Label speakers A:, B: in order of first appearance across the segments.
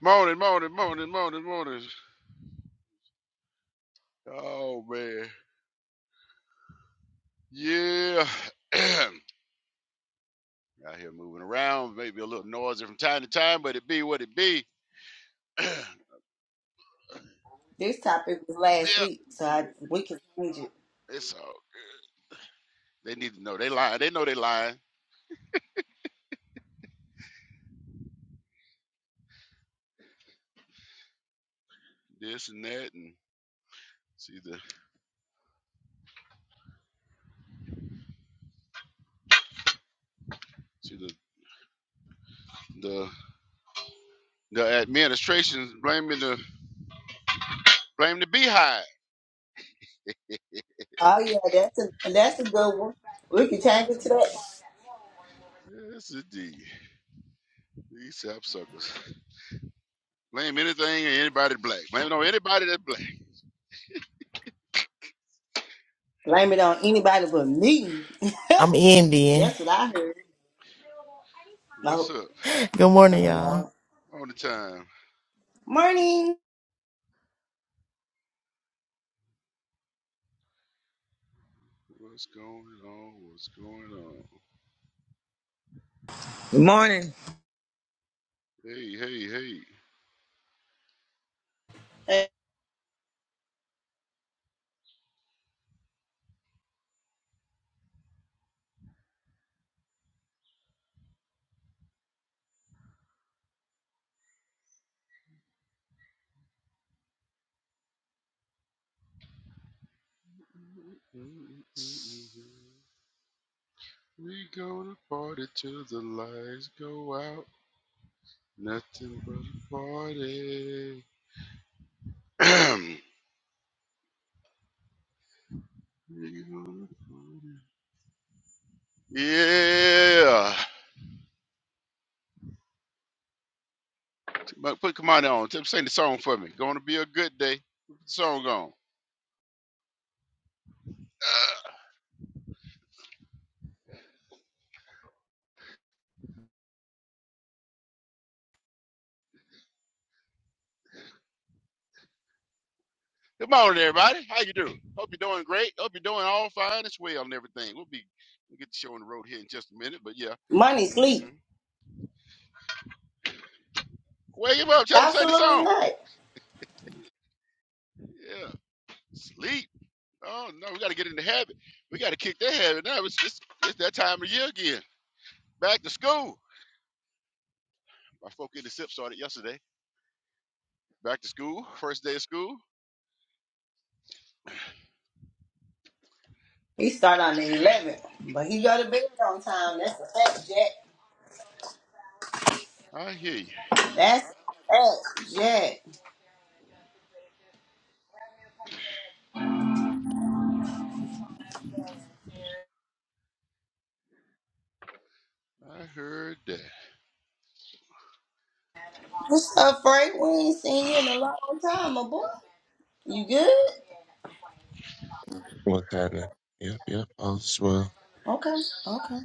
A: Morning, morning, morning, morning, morning. Oh man, yeah. Out here moving around, maybe a little noisy from time to time, but it be what it be. yep,
B: This topic was last week, so I, we can change it.
A: it's all. Good. They need to know they lying. They know they lying. This and that, and see the see the the the administration's blaming the blame the beehive.
B: Oh yeah, that's a that's a good one. We can change it to that.
A: Yes, indeed. These sap suckers blame anything or anybody black. Blame it on anybody that's black.
B: Blame it on anybody but me.
C: I'm Indian.
B: That's what I heard.
A: What's
B: No,
A: up?
C: Good morning,
B: oh Lord.
C: y'all.
A: On the time.
B: Morning,
A: What's going on? What's going on?
D: Good Morning.
A: Hey, hey, hey.
B: Uh,
A: We go to party till the lights go out. Nothing but a party. we go to party. Yeah. But put Kamani on. Tip- Sing the song for me. Gonna be a good day. Put the song on. Good morning, everybody. How you doing? Hope you're doing great. Hope you're doing all fine as well and everything. We'll be we'll get the show on the road here in just a minute, but yeah.
B: money
A: Mm-hmm.
B: sleep.
A: Wake him up. Tell him to sing the
B: Absolutely
A: song.
B: not.
A: Yeah. Sleep. Oh no, we got to get in the habit. We got to kick that habit now. It's, it's it's that time of year again. Back to school. My folk in the sip started yesterday. Back to school. First day of school.
B: He start on the eleventh, but he go to bed on time. That's a fact, Jack.
A: I hear you.
B: That's a fact, Jack.
A: I heard that.
B: What's up, Frank? We ain't seen you in a long time, my boy. You good?
E: What kind of? Yep, yep. All is well.
B: Okay, okay.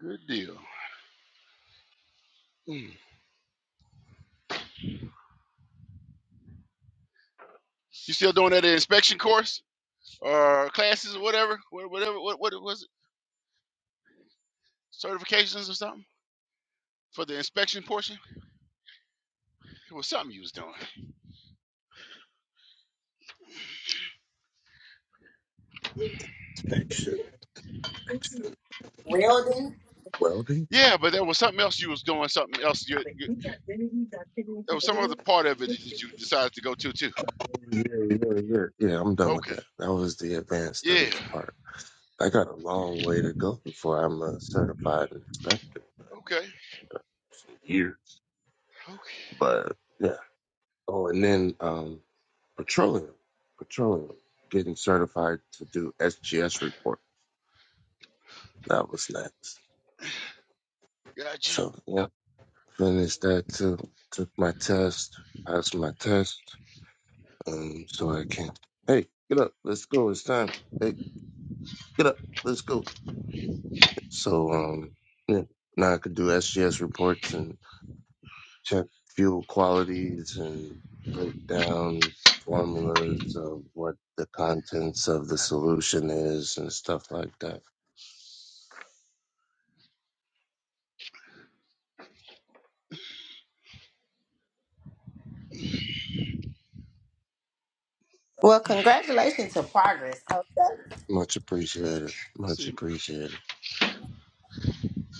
A: Good deal. Mm. You still doing that inspection course or classes or whatever? Wha- Whatever. What? What? certifications or something for the inspection portion? It was something you was doing.
E: Action. Action.
B: Welding.
E: Welding.
A: Yeah, but there was something else you was doing. Something else. You, you, there was some other part of it that you decided to go to too.
E: Yeah, yeah, yeah. Yeah, Yeah, I'm done with
A: Okay.
E: that. That was the advanced
A: Yeah.
E: studies part. I got a long way to go before I'm a certified inspector.
A: Okay.
E: Years.
A: Okay.
E: But yeah. Oh, and then um, petroleum, petroleum, getting certified to do SGS report. That was next.
A: Gotcha.
E: So yeah, finished that too. Took my test. Passed my test. Um, so I can, hey, get up, let's go, it's time. Hey, get up, let's go. So, um, yeah, now I could do SGS reports and check fuel qualities and break down formulas of what the contents of the solution is and stuff like that.
B: Well, congratulations to progress. Okay,
E: Much appreciated.
A: Let's
E: Much
A: see.
E: appreciated.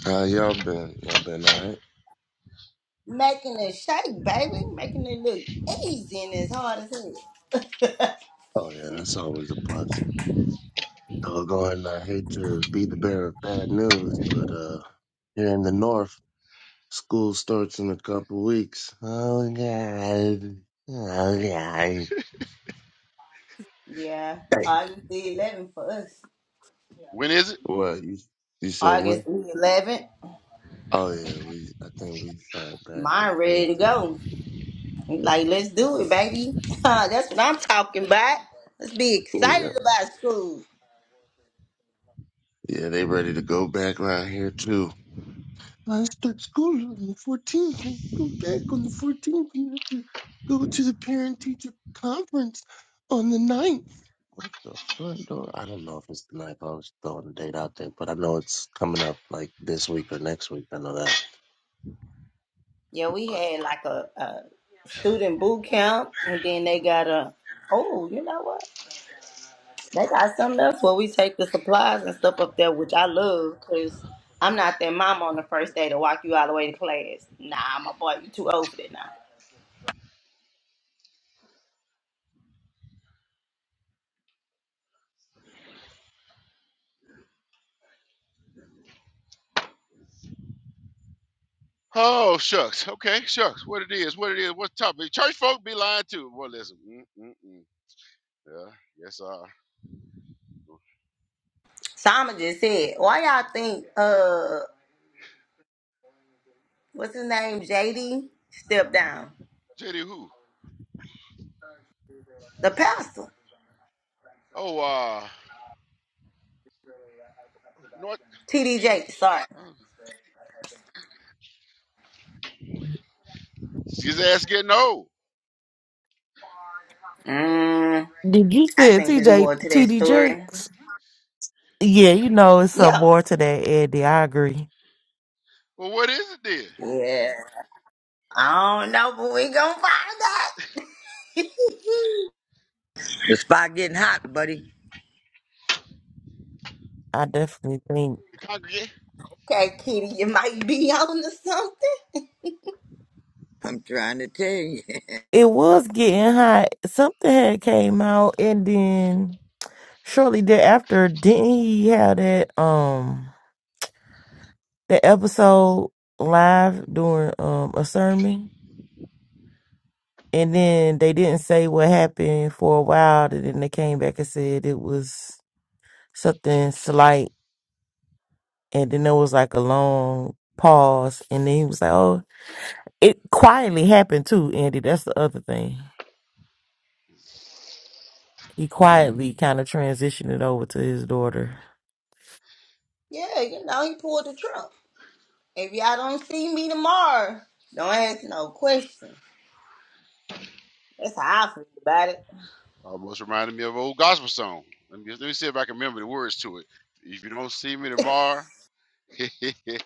E: How y'all been? Y'all been alright?
B: making it shake, baby, making it look easy and as hard as hell.
E: Oh yeah, that's always a plus. Doggone, I hate to be the bearer of bad news, but, uh, here in the north. School starts in a couple weeks. Oh god. Oh god.
B: yeah,
E: Damn.
B: August the 11th for us.
A: When is it?
E: What you, you said when?
B: August the 11th,
E: Oh yeah, we I think we start back the
B: mine ready to
E: fourteenth.
B: go. Like, let's do it, baby. That's what I'm talking about. Let's be
E: Yeah.
B: excited about school.
E: Yeah, they ready to go back around here too. I start school on the fourteenth and go back on the fourteenth. You have to go to the parent teacher conference on the ninth. What the front door? I don't know if it's the ninth. I was throwing the date out there, but I know it's coming up like this week or next week. I know that.
B: Yeah, we had like a, a student boot camp, and then they got a. Oh, you know what? They got something else where we take the supplies and stuff up there, which I love because I'm not that mama on the first day to walk you all the way to class. Nah, my boy, you too old for that now.
A: Oh shucks. Okay, shucks. What it is? What it is? What topic? Church folk be lying too. Well, listen. Mm, mm, mm. Yeah. Yes. Uh.
B: Simon just said, why y'all think, uh, what's his name, JD, stepped down?
A: JD who?
B: The pastor,
A: Oh. Uh. North.
B: TD
A: TD.
B: Jakes, sorry.
A: Oh, his ass getting old.
B: Mm,
C: Did you
B: I
C: say
B: think there's
C: TJ
B: more to that
C: TD
B: story.
C: Jakes? Yeah, you know, it's some
B: Yeah.
C: more to that, Eddie. I agree.
A: Well, what is it then?
B: Yeah. I don't know, but we gonna find out.
D: The spot getting hot, buddy.
C: I definitely think
A: The congregation.
B: Okay, Kitty, you might be on to something.
D: I'm trying to tell you.
C: it was getting hot. Something had came out, and then shortly thereafter, didn't he have that um that episode live during um a sermon? And then they didn't say what happened for a while, and then they came back and said it was something slight. And then there was like a long pause. And then he was like, oh, it quietly happened too, Andy. That's the other thing. He quietly kind of transitioned it over to his daughter.
B: Yeah, you know, he pulled the trump. If y'all don't see me tomorrow, don't ask no questions. That's how I feel about it.
A: Almost reminded me of an old gospel song. Let me, let me see if I can remember the words to it. If you don't see me tomorrow, let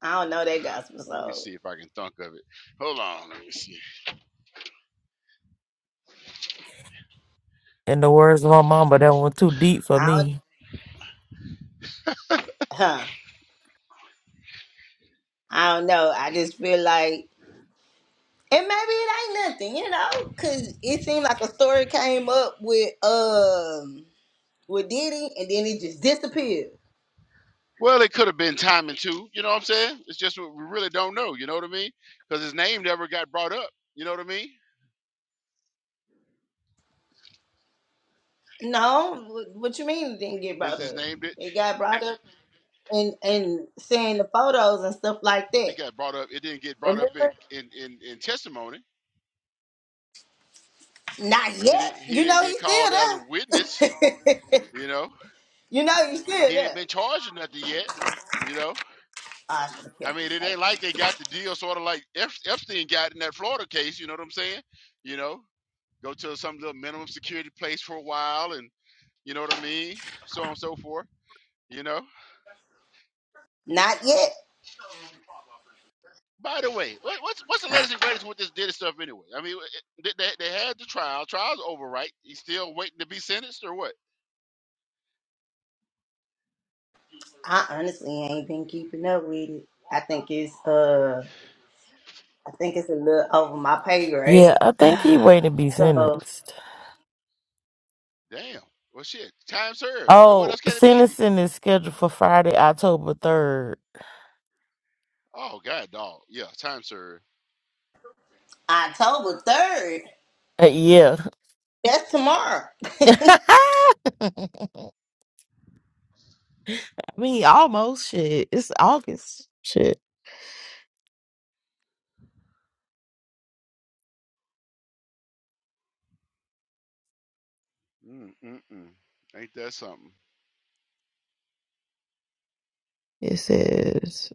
B: I don't know that gospel
A: me
B: song.
A: see if I can think of it. Hold on, let me see.
C: In the words of my mama, that one too deep for
B: I don't,
C: me.
B: huh? I don't know. I just feel like, and maybe it ain't nothing, you know, because it seemed like a story came up with um with Diddy, and then it just disappeared.
A: Well, it could have been timing too. You know what I'm saying? It's just what we really don't know. You know what I mean? Because his name never got brought up. You know what I mean?
B: No, what, what you mean it didn't get
A: His
B: brought
A: his
B: up?
A: name did
B: It got brought up and and seeing the photos and stuff like that.
A: it got brought up. It didn't get brought up in
B: Remember?
A: in in, in testimony.
B: Not
A: He didn't
B: yet.
A: he
B: You
A: didn't
B: know
A: get
B: he's
A: called as a
B: still
A: witness.
B: there.
A: You know
B: you know he's still
A: he ain't
B: there.
A: been charged or nothing yet. You know
B: Ah, I should have
A: I
B: kept
A: mean,
B: these
A: it ain't like
B: papers.
A: they got the deal sort of like Ep- Epstein got in that Florida case. You know what I'm saying? You know, go to some little minimum security place for a while, and you know what I mean, so on and so forth. You know.
B: Not yet.
A: By the way, what, what's what's the
B: I,
A: latest and greatest with this Diddy stuff anyway? I mean, it, they they had the trial. Trial's over, right? He's still waiting to be sentenced or what?
B: I honestly ain't been keeping up with it. I think it's uh, I think it's a little over my pay
C: Yeah,
B: grade.
C: I think he waiting to be
B: so
C: sentenced.
A: Damn. Well, shit. Time served. What
C: Oh,
A: else can it be?
C: sentencing is scheduled for Friday, October 3rd.
A: Oh God, dog. Yeah, time served.
B: October third.
C: Uh, yeah.
B: That's tomorrow.
C: I mean, almost shit. It's August. Shit.
A: Mm mm mm. Ain't that something?
C: It says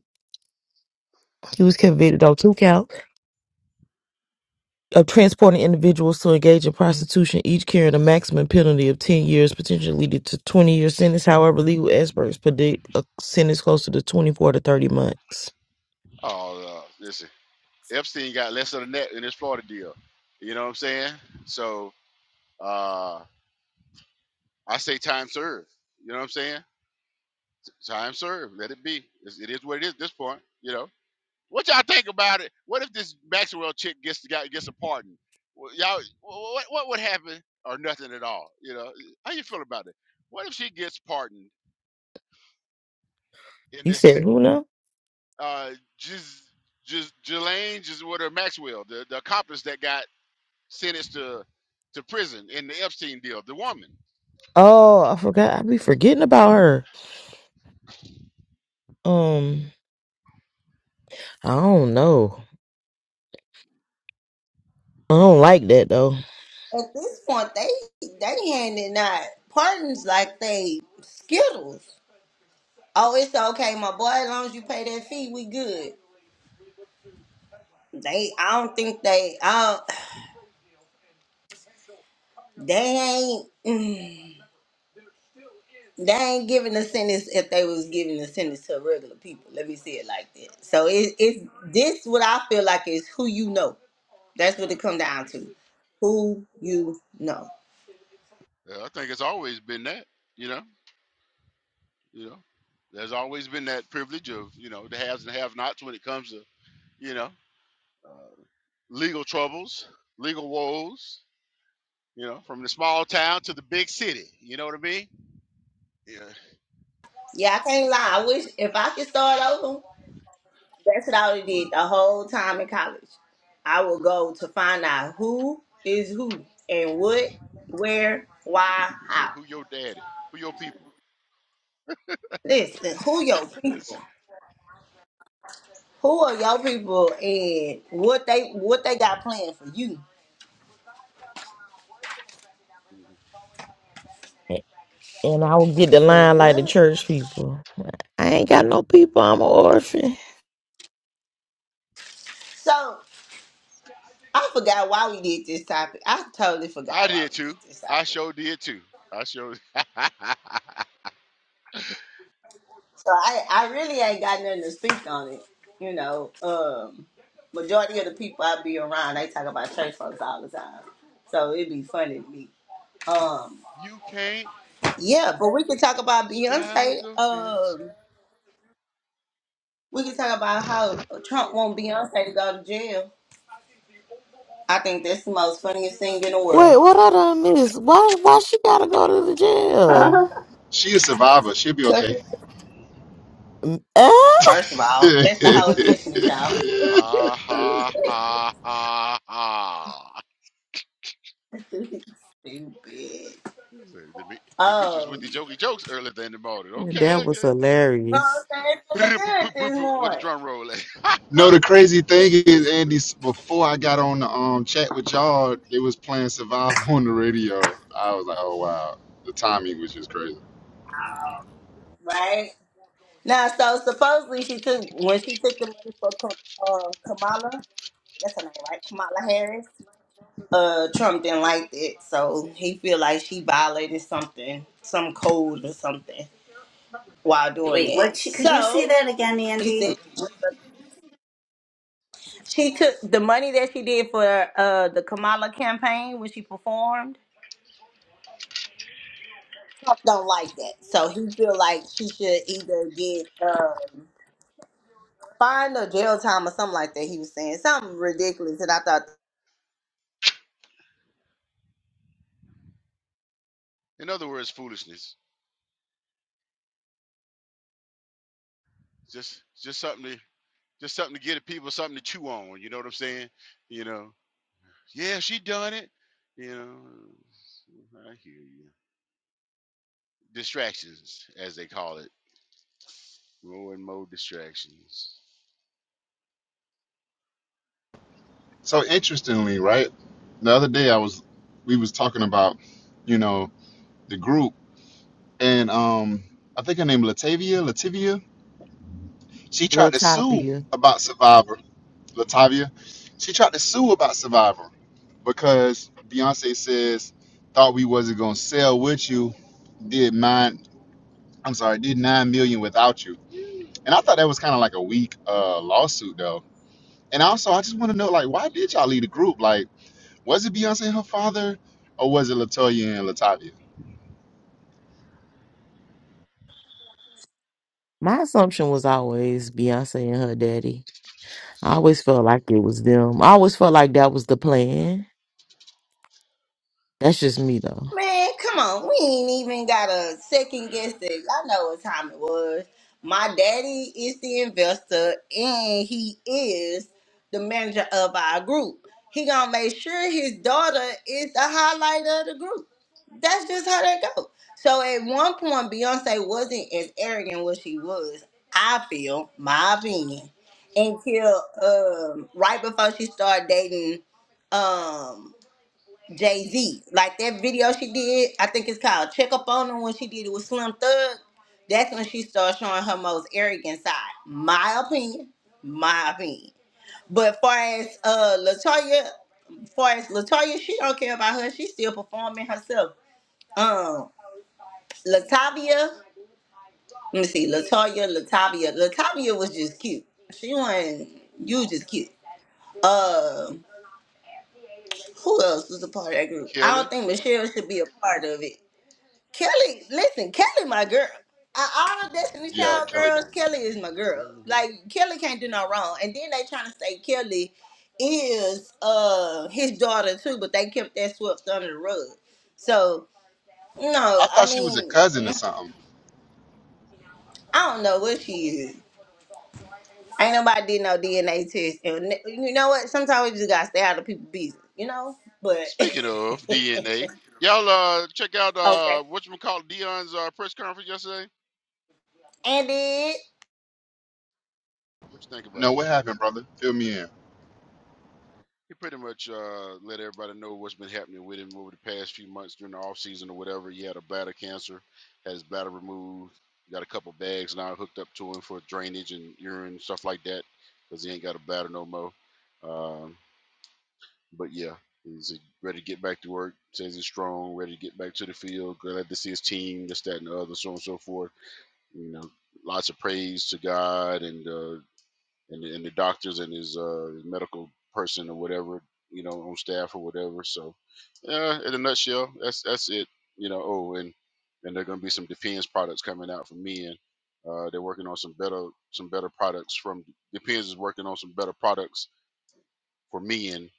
C: he was convicted on two counts of transporting individuals to engage in prostitution, each carrying a maximum penalty of 10 years, potentially leading to 20 year sentence. However, legal experts predict a sentence closer to 24 to 30 months.
A: Oh, uh, listen. Epstein got lesser than that in his Florida deal. You know what I'm saying? So uh, I say time served. You know what I'm saying? Time served. Let it be. It's, it is what it is at this point. You know. What y'all think about it? What if this Maxwell chick gets got, gets a pardon? Wh- Y'all, what what would happen or nothing at all? You know, how you feel about it? What if she gets pardoned in
C: You said
A: this
C: who now?
A: uh, just Gis, Ghislaine, Gis, what her Maxwell, the, the accomplice that got sentenced to to prison in the Epstein deal, the woman.
C: Oh, I forgot. I be forgetting about her. Um, I don't know. I don't like that though.
B: At this point, they they handing out pardons like they skittles. Oh, it's okay, my boy. As long as you pay that fee, we good. They, I don't think they. I don't. They ain't they ain't giving a sentence if they was giving a sentence to regular people. Let me say it like that. So it, it's this what I feel like is who you know. That's what it come down to. Who you know.
A: Uh, I think it's always been that, you know, you know, there's always been that privilege of, you know, the haves and have-nots when it comes to, you know, uh, legal troubles, legal woes, you know, from the small town to the big city. You know what I mean? Yeah.
B: Yeah, I can't lie. I wish if I could start over, that's what I would did the whole time in college. I would go to find out who is who and what, where, why,
A: We say,
B: how.
A: who your daddy? Who your people?
B: Listen, who your
A: It's,
B: people? Who are your people and what they what they got planned for you?
C: And I will get the
B: Cause
C: line like the
B: what?
C: church people. I ain't got no people. I'm an orphan.
B: So I forgot why we did this topic. I totally
A: I
B: forgot why
A: did
B: we
A: too.
B: did this
A: I
B: topic.
A: sure did too. I sure.
B: So I I really ain't got nothing to speak on it. You know, um, majority of the people I be around, they talk about church folks all the time. So it'd be funny to me. Um,
A: you can't
B: yeah, but we can talk about
A: straddle
B: Beyonce.
A: the fence.
B: Um, we can talk about how Trump want Beyonce to go to jail. I think that's the most funniest thing in the world.
C: Wait, what I done miss? Why why she gotta go to the
F: Uh-huh.
C: jail?
G: She a survivor. She'll be okay.
C: Mm, ah?
B: First of all, that's the whole Destiny Child.
A: Ha ha ha ha ha.
B: Stupid.
A: The the Demetrius with
B: Um,
A: the jokey jokes earlier than the morning. Okay,
C: that was
A: okay.
B: well, I'm
C: hilarious.
B: saying feeling good this
A: With the
B: morning,
A: drum roll. at.
G: no, the crazy thing is, Andy, before I got on the um, chat with y'all, they was playing Survivor on the radio. I was like, oh, wow. The timing was just crazy.
B: right? Now, so supposedly she took when she took the money for Ka- uh, Kamala. That's her name, right? Kamala Harris. Uh, Trump didn't like that, so he feel like she violated something, some code or something, while doing
F: Wait, what?
B: it.
F: She, could you say
B: So
F: that again,
B: he
F: Andy?
B: said. She took the money that she did for uh the Kamala campaign when she performed. Trump don't like that, so he feel like she should either get um fined or jail time or something like that. He was saying something ridiculous, and I thought
A: In other words, foolishness. Just, just something to, just something to get at people something to chew on. You know what I'm saying? You know. Yeah, she done it. You know. I hear you. Distractions, as they call it. More and more distractions.
G: So interestingly, right, the other day I was, we was talking about, you know, the group and um, I think her name Latavia, Latavia. She tried to sue
C: Latavia.
G: about Survivor, Latavia. She tried to sue about Survivor because Beyonce says thought we wasn't gonna sell with you, did mine. I'm sorry, did nine million without you. And I thought that was kind of like a weak uh, lawsuit though. And also, I just want to know like why did y'all leave the group? Like, was it Beyonce and her father, or was it Latoya and Latavia?
C: My assumption was always Beyonce and her daddy. I always felt like it was them. I always felt like that was the plan. That's just me though.
B: Man, come on. We ain't even got a second guess that y'all know what time it was. My daddy is the investor and he is the manager of our group. He gonna make sure his daughter is the highlight of the group. That's just how that go. So at one point Beyonce wasn't as arrogant as she was, I feel, my opinion. Until um right before she started dating um Jay Z. Like that video she did, I think it's called Check Up On Her when she did it with Slim Thug. That's when she started showing her most arrogant side. My opinion. My opinion. But far as uh Latoya, far as Latoya, she don't care about her. She's still performing herself. Um Latavia, let me see, Latoya, Latavia. Latavia was just cute. She wasn't you was just cute. Uh who else was a part of that group? I
A: Kelly.
B: don't think Michelle should be a part of it. Kelly, listen, Kelly, my girl. I, all of Destiny
G: Yeah,
B: Child
G: Kelly did.
B: girls, Kelly is my girl. Like Kelly can't do no wrong. And then they trying to say Kelly is uh his daughter too, but they kept that swept under the rug. So no,
G: I
B: I
G: thought she was a
B: mean
G: cousin or
B: I
G: something.
B: don't know what she is. Ain't nobody did no DNA test. And n- you know what? Sometimes we just gotta stay out of people's business, you know. But okay,
A: Speaking of DNA, y'all uh check out uh
B: and
A: what you call Dion's uh, press conference yesterday.
B: it
A: What you think
G: No,
A: about it?
G: what happened, brother? Fill me in.
A: He pretty much uh let everybody know what's been happening with him over the past few months during the off season or whatever. He had a bladder cancer, had his bladder removed, got a couple bags now hooked up to him for drainage and urine stuff like that because he ain't got a bladder no more. Um, but yeah, he's ready to get back to work. Says he's strong, ready to get back to the field. Glad to see his team, this, that, and the other, so on and so forth you know, lots of praise to God and uh, and, the- and the doctors and his uh, medical person or whatever, you know, on staff or whatever. So, yeah, in a nutshell, that's that's it. You know, oh, and and there are going to be some Depends products coming out for men. Uh, they're working on some better some better products from Depends is working on some better products for men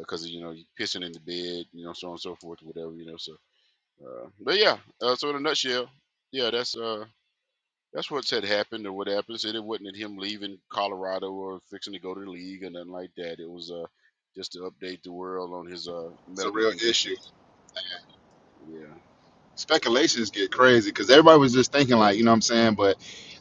A: because you know you pissing in the bed, you know, so on and so forth, whatever, you know. So, uh, but yeah, uh, so in a nutshell, yeah, that's uh that's what's had happened or what happened. Said it wasn't him leaving Colorado or fixing to go to the league or nothing like that. It was uh just to update the world on his uh
G: It's a
A: medical
G: real issue.
A: condition. Yeah,
G: speculations get
A: yeah.
G: crazy because everybody was just thinking like, you know what I'm saying? But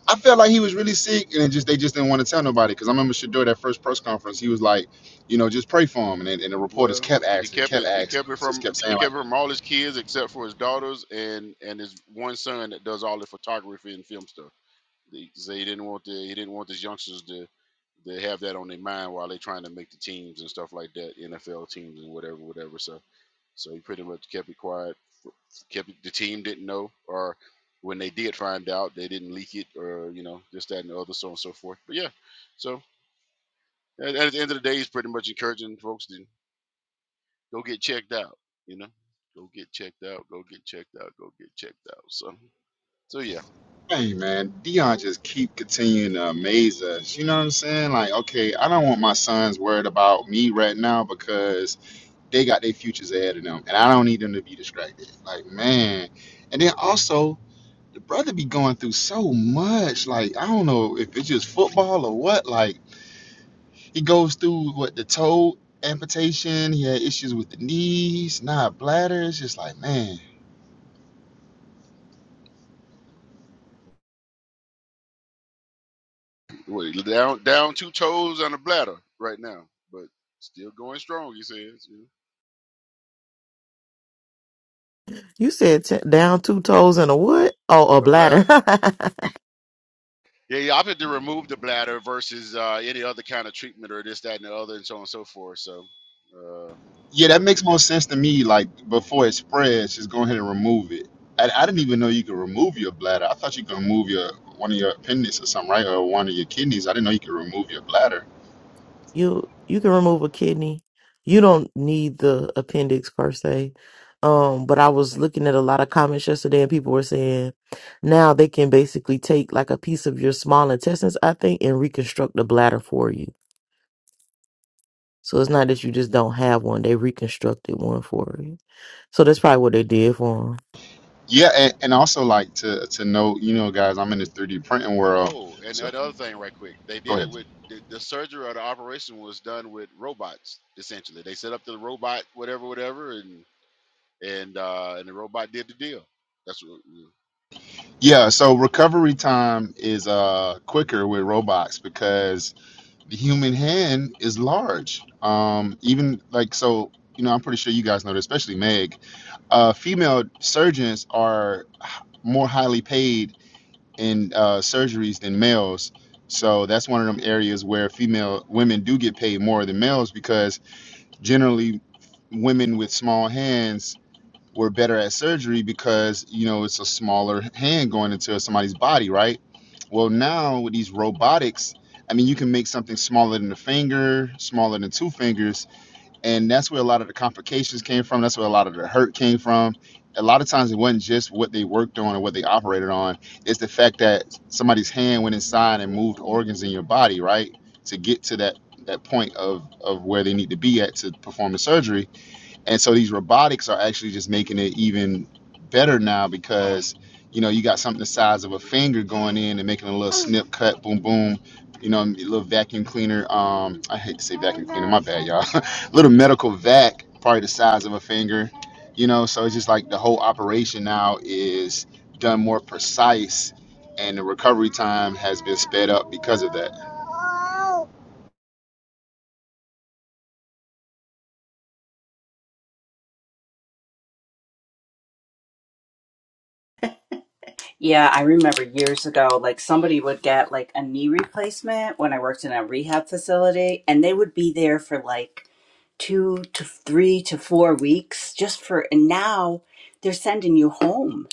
G: I felt like he was really sick and it just they just didn't want to tell nobody. Cause I remember Shador that first press conference, he was like, you know, just pray for him. And, then- and the reporters
A: Well,
G: kept
A: he
G: asking,
A: kept
G: kept
A: it. He
G: asking,
A: kept
G: They
A: it
G: just
A: from.
G: kept saying
A: He
G: like,
A: kept it from all his kids except for his daughters and and his one son that does all the photography and film stuff. They say he didn't want the he didn't want his youngsters to to have that on their mind while they're trying to make the teams and stuff like that, NFL teams and whatever, whatever. So so he pretty much kept it quiet kept the team didn't know, or when they did find out, they didn't leak it, or you know, this, that, and the other, so on and so forth. But yeah, so at, at the end of the day, it's pretty much encouraging folks to go get checked out. You know, go get checked out, go get checked out, go get checked out. So, so yeah,
G: hey man, Dion just keep continuing to amaze us. You know what I'm saying? Like, okay, I don't want my sons worried about me right now because they got their futures ahead of them, and I don't need them to be distracted. Like, man. And then also. the brother be going through so much. Like I don't know if it's just football or what. Like he goes through what the toe amputation. He had issues with the knees, not bladder. It's just like man,
A: Wait, down down two toes on a bladder right now, but still going strong. He says you
C: You said t- down two toes and a what? Oh, a
A: know, a
C: bladder.
A: bladder. Yeah, he opted to remove the bladder versus uh, any other kind of treatment or this, that, and the other, and so on and so forth. So, uh,
G: yeah, that makes
A: yeah
G: more sense to me. Like before it spreads, just go ahead and remove it. I, I didn't even know you could remove your bladder. I thought you could remove your one of your appendix or something, right? Or one of your kidneys. I didn't know you could remove your bladder.
C: you you can remove a kidney you don't need the appendix per se um but i was looking at a lot of comments yesterday and people were saying now they can basically take like a piece of your small intestines i think and reconstruct the bladder for you so it's not that you just don't have one they reconstructed one for you so that's probably what they did for for 'em.
G: Yeah, and, and also like to to know, you know, guys, I'm in this 3D printing world.
A: Oh, and
G: So
A: another thing, right quick, they
G: go
A: did it
G: ahead.
A: with the, the surgery or the operation was done with robots. Essentially, they set up the robot, whatever, whatever, and and uh, and the robot did the deal. That's what we
G: Yeah, so recovery time is uh quicker with robots because the human hand is large. Um even like so, you know, I'm pretty sure you guys know this, especially Meg. Uh female surgeons are more highly paid in uh surgeries than males. So that's one of them areas where female women do get paid more than males because generally women with small hands we're better at surgery because you know it's a smaller hand going into somebody's body right well now with these robotics i mean you can make something smaller than a finger smaller than two fingers and that's where a lot of the complications came from that's where a lot of the hurt came from a lot of times it wasn't just what they worked on or what they operated on it's the fact that somebody's hand went inside and moved organs in your body right to get to that that point of of where they need to be at to perform the surgery and so these robotics are actually just making it even better now because, you know, you got something the size of a finger going in and making a little snip, cut, boom, boom. You know, a little vacuum cleaner. Um, I hate to say vacuum cleaner, my bad, y'all. little medical vac, probably the size of a finger. You know, so it's just like the whole operation now is done more precise, and the recovery time has been sped up because of that.
F: Yeah, I remember years ago, like somebody would get like a knee replacement when I worked in a rehab facility, and they would be there for like two to three to four weeks just for, and now they're sending you home.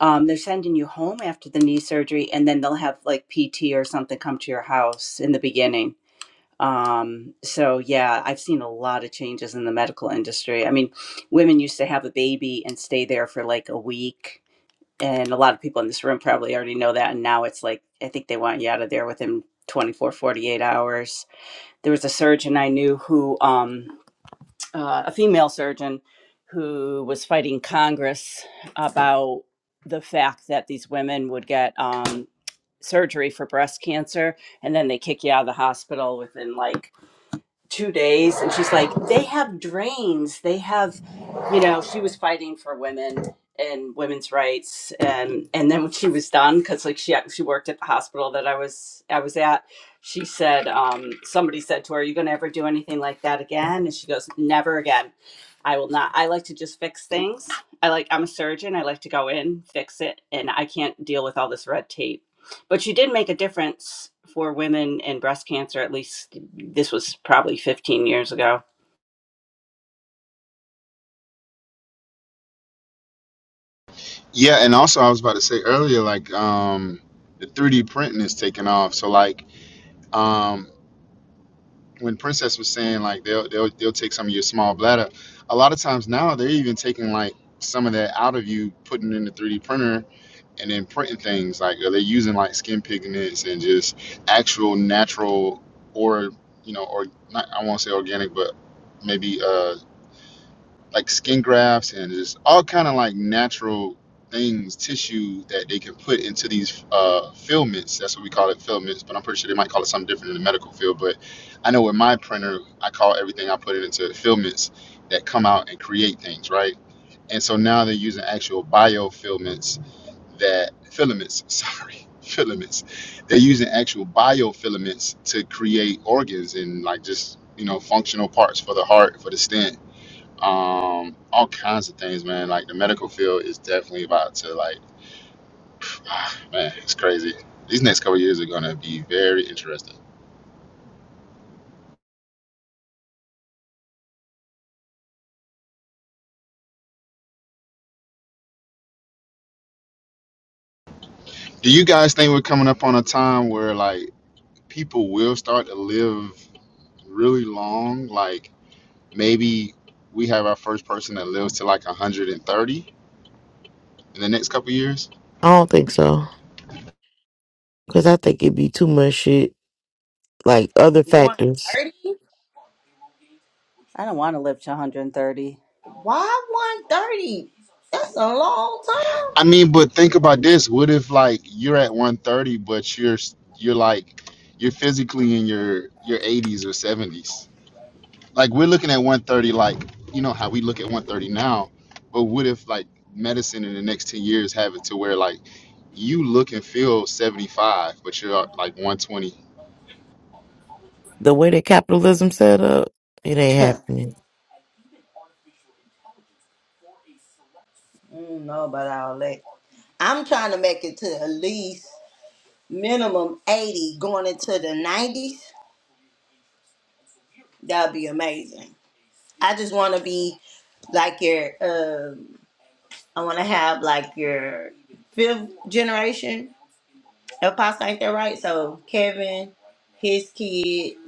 F: Um, they're sending you home after the knee surgery, and then they'll have like PT or something come to your house in the beginning. Um, so yeah, I've seen a lot of changes in the medical industry. I mean, women used to have a baby and stay there for like a week, and a lot of people in this room probably already know that. And now it's like I think they want you out of there within 24, 48 hours. There was a surgeon I knew who, um, uh, a female surgeon, who was fighting Congress about the fact that these women would get um, surgery for breast cancer, and then they kick you out of the hospital within like two days and she's like they have drains they have you know she was fighting for women and women's rights and and then when she was done because like she she worked at the hospital that i was i was at she said um somebody said to her are you going to ever do anything like that again and she goes never again i will not i like to just fix things i like i'm a surgeon i like to go in fix it and i can't deal with all this red tape but she did make a difference for women in breast cancer at least this was probably 15 years ago.
G: Yeah, and also I was about to say earlier, like um the 3D printing is taking off. So like um when Princess was saying like they'll they'll they'll take some of your small bladder, a lot of times now they're even taking like some of that out of you, putting it in the 3D printer and then printing things like they're using like skin pigments and just actual natural or you know or not I won't say organic but maybe uh like skin grafts and just all kind of like natural things, tissue that they can put into these uh, filaments. That's what we call it, filaments. But I'm pretty sure they might call it something different in the medical field. But I know with my printer, I call everything I put it into filaments that come out and create things, right? And so now they're using actual biofilaments that filaments, sorry, filaments. They're using actual biofilaments to create organs and like just you know functional parts for the heart, for the stent um all kinds of things man like the medical field is definitely about to like man it's crazy these next couple years are gonna be very interesting do you guys think we're coming up on a time where like people will start to live really long like maybe we have our first person that lives to like 130 in the next couple years
C: i don't think so because i think it'd be too much shit like other
B: one
C: factors
B: thirty.
F: I don't want to live to 130.
B: Why 130? That's a long
G: i mean but think about this what if like you're at 130 but you're you're like you're physically in your your 80s or 70s like we're looking at 130 like you know how we look at 130 now but what if like medicine in the next 10 years have it to where like you look and feel 75 but you're uh, like 120
C: the way that capitalism set up it ain't
B: time.
C: happening
B: Mm, no, but I'll let. I'm trying to make it to at least minimum 80 going into the 90s. That'd be amazing. I just want to be like your, um I want to have like your fifth generation. If Apostle ain't that right? So Kevin, his kid,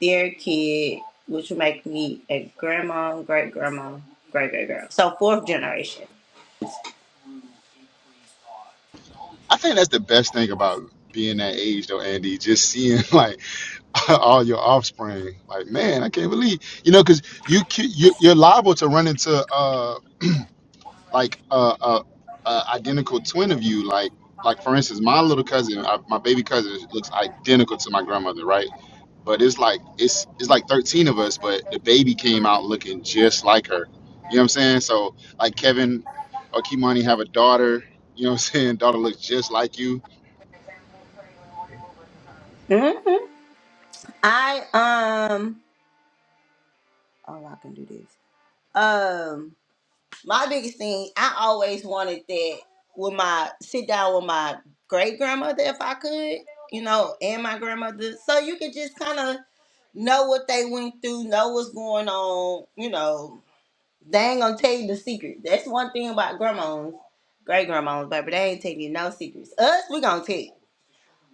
B: their kid, which would make me a grandma, great grandma, great great girl. So fourth generation.
G: i think that's the best thing about being that age though andy just seeing like all your offspring like man i can't believe you know because you, c- you you're liable to run into uh like a uh, uh, uh identical twin of you like like for instance my little cousin I, my baby cousin looks identical to my grandmother right but it's like it's it's like 13 of us but the baby came out looking just like her you know what i'm saying so like kevin or kimani have a daughter you know what i'm saying daughter looks just like you
B: Mhm. I um oh I can do this. Um my biggest thing I always wanted that with my sit down with my great grandmother if I could, you know, and my grandmother. So you could just kind of know what they went through, know what's going on, you know. They ain't gonna tell you the secret. That's one thing about grandmas, great grandmas, baby. They ain't telling you no secrets. Us, we gonna tell. you.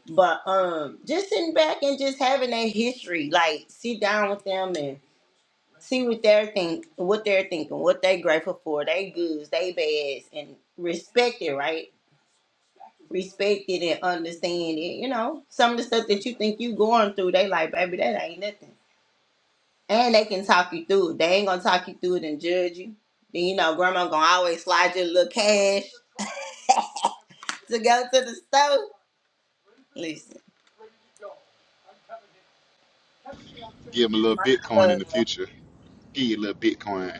B: But um just sitting back and just having that history, like sit down with them and see what they're think what they're thinking, what they grateful for, they goods, they bads, and respect it, right? Respect it and understand it. You know, some of the stuff that you think you going through, they like, baby, that ain't nothing. And they can talk you through it. They ain't gonna talk you through it and judge you. Then you know, grandma gonna always slide you a little cash to go to the store. Listen,
G: give them a little
B: my
G: bitcoin in the
B: uh,
G: future give you a little bitcoin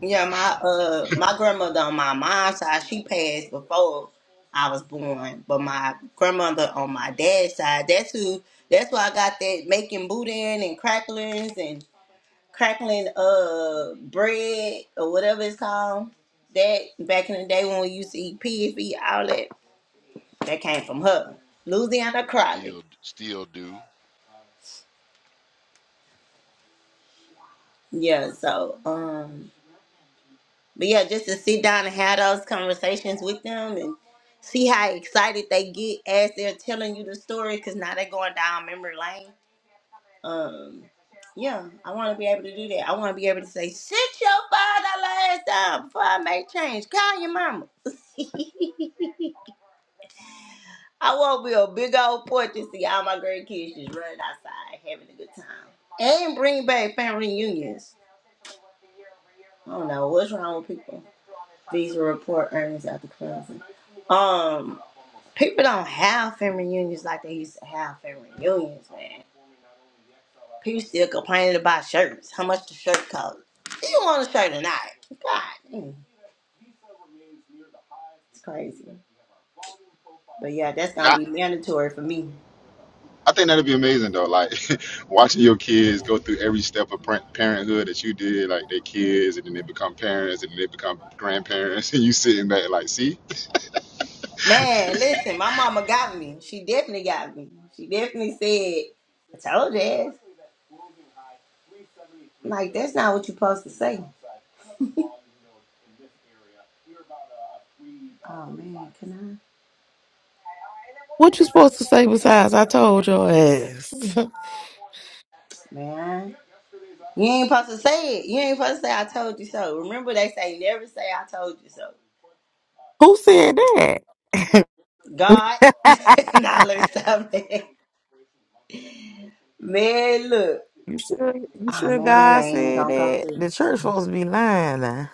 B: Yeah, my uh my grandmother on my mom's side, she passed before I was born. But my grandmother on my dad's side, that's who that's why I got that making boudin and cracklings and crackling uh bread or whatever it's called. That back in the day when we used to eat pig feet, all that that came from her. Louisiana crawling.
A: still still do.
B: Yeah, so um But yeah, just to sit down and have those conversations with them and see how excited they get as they're telling you the story because now they're going down memory lane. Um, yeah, I want to be able to do that. I want to be able to say, sit your father last time before I make change. Call your mama. I want to be a big old porch and see all my grandkids just running outside having a good time. And bring back family reunions. I don't know what's wrong with people. These will report earnings after closing. Um, people don't have family reunions like they used to have family reunions, man. People still complaining about shirts. How much the shirt cost? Do you want a shirt or not? God, mm, it's crazy. But yeah, that's
G: now
B: gonna be mandatory for me.
G: i think that'd be amazing though like watching your kids go through every step of par- parenthood that you did like they kids and then they become parents and then they become grandparents and you sitting back like see
B: Man, listen, my mama got me. She definitely got me. She definitely said, "I told you." ass." I'm like, that's not what you're supposed to say. Oh man, can
C: What you supposed to say besides I told your ass?
B: I? Man. You ain't supposed to say it. You ain't supposed to say I told you so. Remember they say never say I told you so.
C: Who said that?
B: God now let me stop that. Man, look.
C: you sure you
B: Oh
C: sure
B: man, that
C: God
B: ain't
C: said
B: gonna go
C: that?
B: through.
C: The church supposed to be lying now.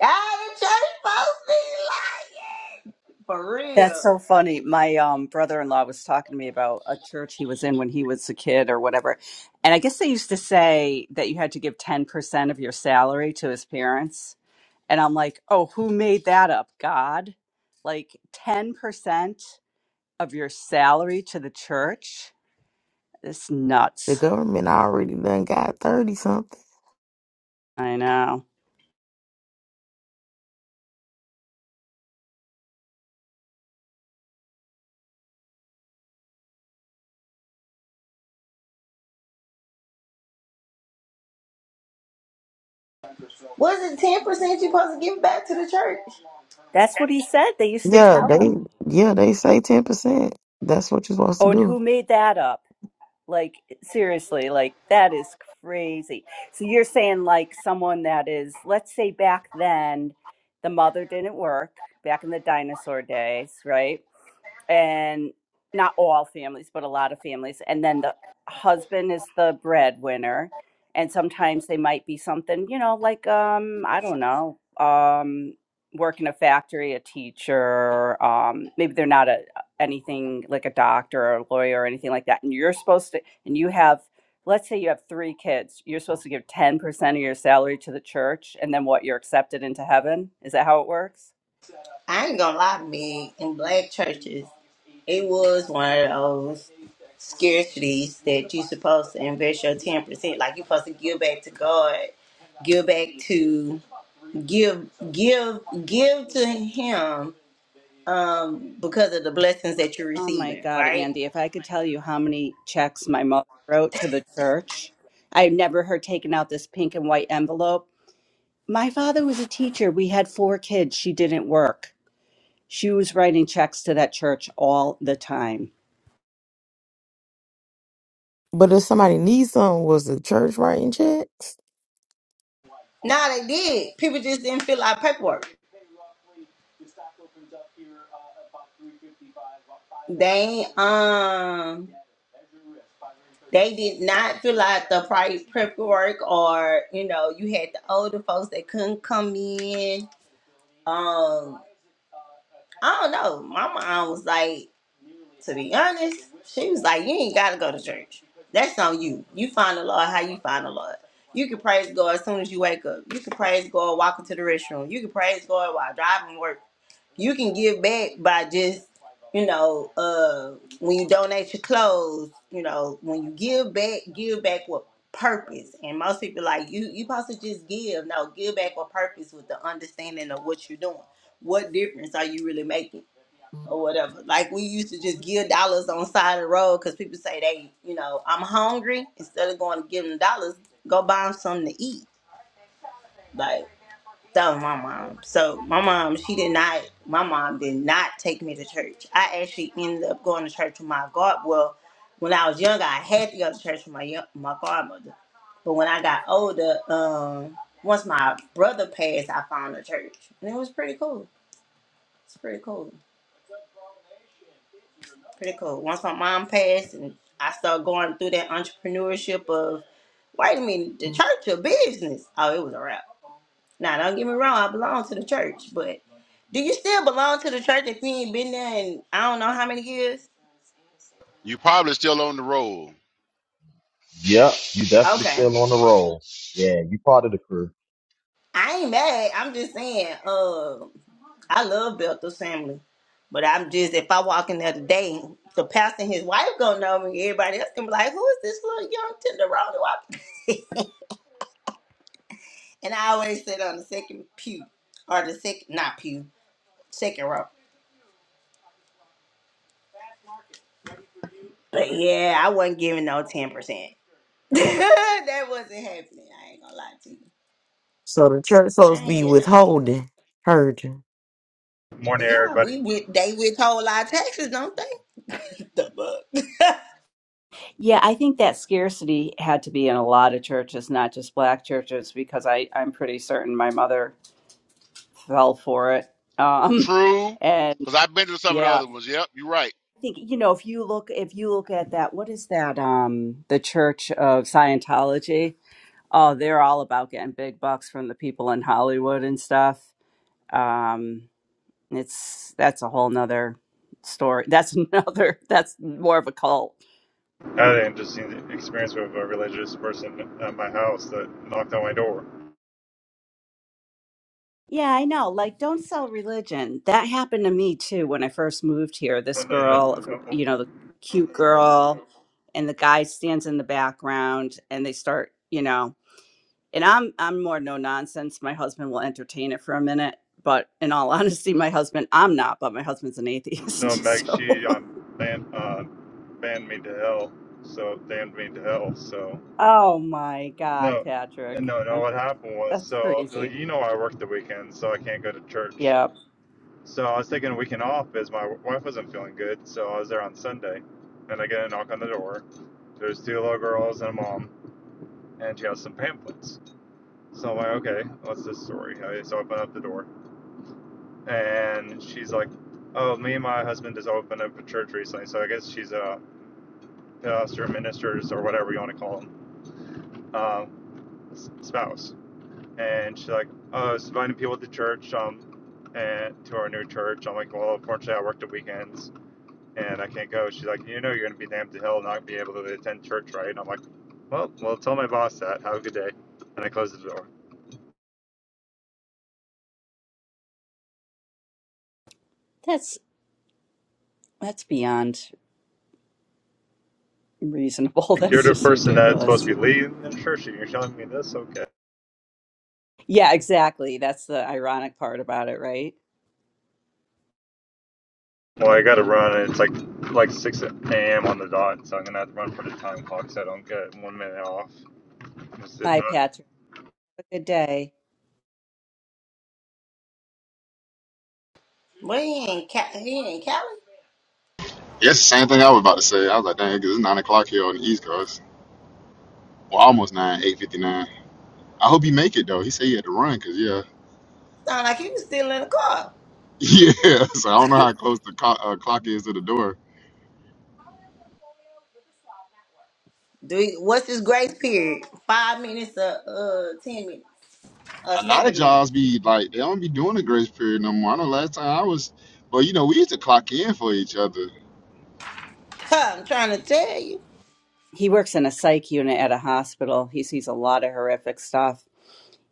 B: Ah, the church supposed to be lying. For
F: That's
B: real.
F: so funny. My um, brother-in-law was talking to me about a church he was in when he was a kid or whatever. And I guess they used to say that you had to give 10% of your salary to his parents. And I'm like, "Oh, who made that up? God? Like 10% of your salary to the church? It's
C: The
F: nuts."
C: government already done got thirty something.
F: I know.
B: Was it ten percent you supposed to give back to the church?
F: That's what he said. They used to
C: Yeah,
F: tell
C: they
F: him.
C: yeah, they say ten percent. That's what you're supposed to
F: Oh, and
C: do.
F: who made that up? Like seriously, like that is crazy. So you're saying like someone that is, let's say back then, the mother didn't work back in the dinosaur days, right? and not all families, but a lot of families. And then the husband is the breadwinner, and sometimes they might be something, you know, like um, I don't know, um, work in a factory, a teacher. Um, maybe they're not a anything like a doctor or a lawyer or anything like that. And you're supposed to, and you have. Let's say you have three kids. You're supposed to give 10% of your salary to the church and then what? You're accepted into heaven? Is that how it works?
B: I ain't gonna lie, me in black churches. It was one of those scarcities that you're supposed to invest your ten percent. Like you're supposed to give back to God, give back to give give give to Him um, because of the blessings that you're
F: Oh my
B: receiving.
F: God,
B: Right?
F: Andy, if I could tell you how many checks my mother wrote to the church, I have never heard taking out this pink and white envelope. My father was a teacher. We had four kids. She didn't work. She was writing checks to that church all the time.
C: But if somebody needs something, was the church writing checks?
B: No, they did. People just didn't fill out paperwork. They um they did not fill out the price paperwork or you know, you had the older folks that couldn't come in. Um I don't know. My mom was like, to be honest, she was like, You ain't gotta go to church. That's on you. You find the Lord how you find the Lord. You can praise God as soon as you wake up. You can praise God walking to the restroom. You can praise God while driving work you can give back by just you know uh when you donate your clothes you know when you give back give back with purpose and most people like you you supposed to just give no give back with purpose with the understanding of what you're doing what difference are you really making or whatever like we used to just give dollars on side of the road because people say they you know i'm hungry instead of going to give them dollars go buy them something to eat Like, so my mom. So my mom, she did not my mom did not take me to church. I actually ended up going to church with my god well, when I was younger I had to go to church with my young, my godmother. But when I got older, um once my brother passed, I found a church. And it was pretty cool. It's pretty cool. Pretty cool. Once my mom passed and I started going through that entrepreneurship of wait a minute, the church of business. Oh, it was a wrap. Now, don't get me wrong, I belong to the church, but do you still belong to the church if you ain't been there in I don't know how many years?
A: You probably still on the roll.
H: Yep, you definitely
B: Okay.
H: still on the roll. Yeah, you part of the crew.
B: I ain't mad. I'm just saying, uh, I love Bethel's family. But I'm just if I walk in there today, the pastor and his wife gonna know me. Everybody else gonna be like, Who is this little young tenderoni walking? and I always sit on the second pew. Or the second not pew, second row. But yeah, I wasn't giving no ten percent. that wasn't happening. I ain't gonna lie to you.
C: So the church
B: I
C: supposed to
B: ain't
C: be
B: getting nothing.
C: withholding, hurting.
I: Morning,
B: But yeah,
I: everybody.
B: we with they withhold our taxes, don't they? The fuck.
F: Yeah, I think that scarcity had to be in a lot of churches, not just black churches, because I, I'm pretty certain my mother fell for it. Um,
A: True,
F: and
A: because I've been to some of the
F: yeah,
A: other ones. Yep, you're right.
F: I think you know if you look if you look at that what is that um the church of scientology oh they're all about getting big bucks from the people in hollywood and stuff um it's that's a whole nother story that's another that's more of a cult
I: I had an interesting experience with a religious person at my house that knocked on my door.
F: yeah i know like don't sell religion that happened to me too when i first moved here
I: No,
F: this
I: no,
F: girl
I: no,
F: you know the cute girl and the guy stands in the background and they start you know and I'm I'm more no nonsense. My husband will entertain it for a minute, but in all honesty, my husband I'm not, but my husband's an
I: no.
F: atheist.
I: Meg,
F: So
I: she um, banned, uh, banned me to hell. So, damned me to hell. So,
F: oh my god,
I: no.
F: Patrick,
I: And no, no,
F: That-
I: what happened was,
F: that's
I: so, like,
F: crazy.
I: you know, I work the weekend, so I can't go to church.
F: Yeah,
I: So, I was taking a weekend off as my wife wasn't feeling good. So, I was there on Sunday, and I get a knock on the door. There's two little girls and a mom, and she has some pamphlets. So I'm like, okay, what's this story? I just open up the door, and she's like, oh, me and my husband just opened up a church recently, so I guess she's a pastor, ministers, or whatever you want to call them, um, spouse. And she's like, oh, I was inviting people to church, um, and to our new church. I'm like, well, unfortunately, I work the weekends and I can't go. She's like, you know, you're gonna be damned to hell and not be able to attend church, right? And I'm like, well, well, tell my boss that. Have a good day. And I close the door.
F: that's that's beyond reasonable.
I: Like you're
F: That's
I: the
F: just
I: person that's supposed
F: ridiculous.
I: to be leading the church, and you're telling me this. Okay.
F: Yeah, exactly. That's the ironic part about it, right?
I: Well, I got to run. and It's like like six a.m. on the dot, so I'm gonna have to run for the time clock, so I don't get one minute off. 'Cause If
F: Bye,
I: not,
F: Patrick. Have a good day.
B: But he ain't ca- he ain't Cali.
G: Yes, the same thing i was about to say i was like dang 'cause it's nine o'clock here on the east coast Well, almost nine, eight fifty nine. I hope he make it though. He said he had to run because yeah,
B: Sound like he was still in the car.
G: yeah. So I don't know how close the clock, uh, clock is to the door.
B: Do he, what's his grace period? Five minutes or uh ten minutes or
G: A lot of
B: seven minutes.
G: jobs be like they don't be doing the grace period no more. I know last time I was, well, you know we used to clock in for each other.
B: I'm trying to tell you.
F: he works in a psych unit at a hospital. He sees a lot of horrific stuff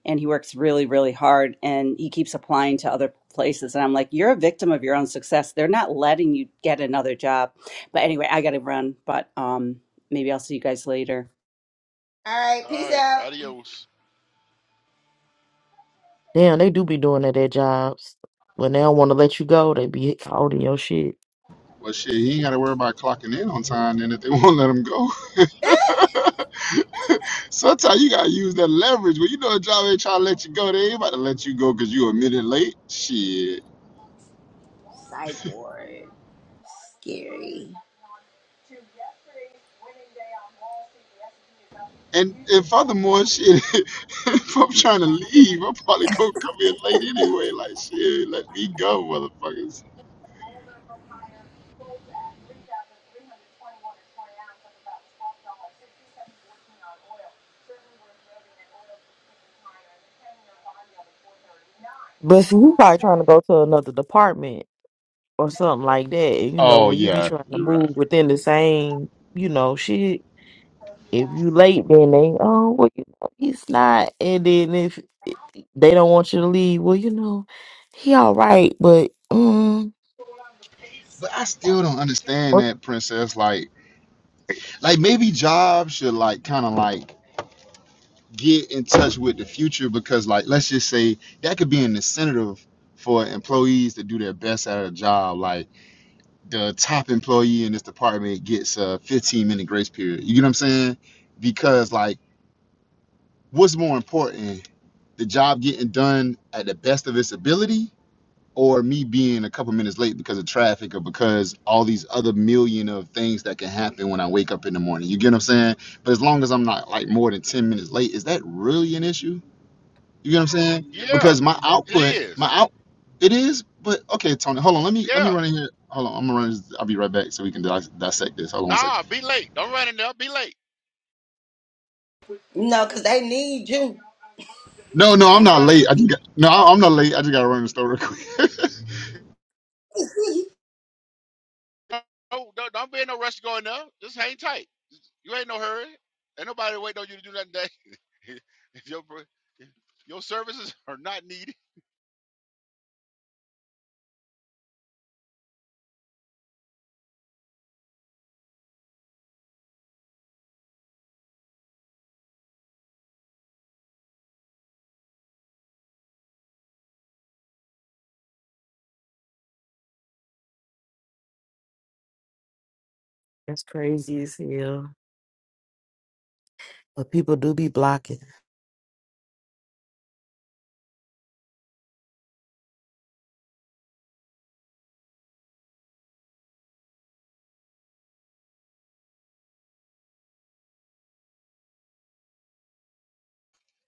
F: and he works really, really hard and he keeps applying to other places. And I'm like, you're a victim of your own success. They're not letting you get another job. But anyway, I got to run, but um, maybe I'll see you guys later.
B: All right,
A: All
B: peace
A: right,
B: out.
A: adios.
C: Damn, they do be doing that at jobs. When they don't want to let you go, they be holding your shit.
G: Well, shit, he ain't got to worry about clocking in on time. Then if they won't let him go, sometimes you gotta use that leverage. When you know a job ain't trying to let you go, they ain't about to let you go because you a minute late. Shit.
B: Psych ward. Scary.
G: And and furthermore, shit, if I'm trying to leave, I'm probably gonna come in late anyway. Like shit, let me go, motherfuckers.
C: But see, you probably trying to go to another department or something like that. And, you know,
G: Oh
C: when you be
G: yeah,
C: trying to
G: you're right.
C: move within the same, you know, shit. If you late, then they oh well, you know, he's not. And then if they don't want you to leave, well, you know, he all right, but mm,
G: But I still don't understand
C: work
G: that, princess. Like, like maybe jobs should like kind of like get in touch with the future because like let's just say that could be an incentive for employees to do their best at a job. Like the top employee in this department gets a 15 minute grace period. You get what I'm saying? Because like what's more important? the job getting done at the best of its ability or me being a couple minutes late because of traffic or because all these other million of things that can happen when I wake up in the morning. You get what I'm saying? But as long as I'm not like more than 10 minutes late, is that really an issue? You get what I'm saying?
A: Yeah,
G: Because my
A: it
G: output, my
A: is.
G: out it is, but okay, Tony, hold on. Let me let me
A: Yeah.
G: run in here. Hold on, I'm gonna run. This, I'll be right back so we can dis- dissect this. Hold on one second.
A: Nah, be late. Don't run in there. Be late.
B: No, cause they need you.
G: No, no, I'm
A: Don't
G: not
A: run in
G: late. I just got, no, I- I'm not late. I just gotta run in the store real quick.
A: there. Don't, don't, don't be in no rush to go in there. Just hang tight. You ain't no hurry. Ain't nobody waiting on you to do nothing today. if your pro- if your services are not needed,
C: is crazy as hell. But people do be blocking.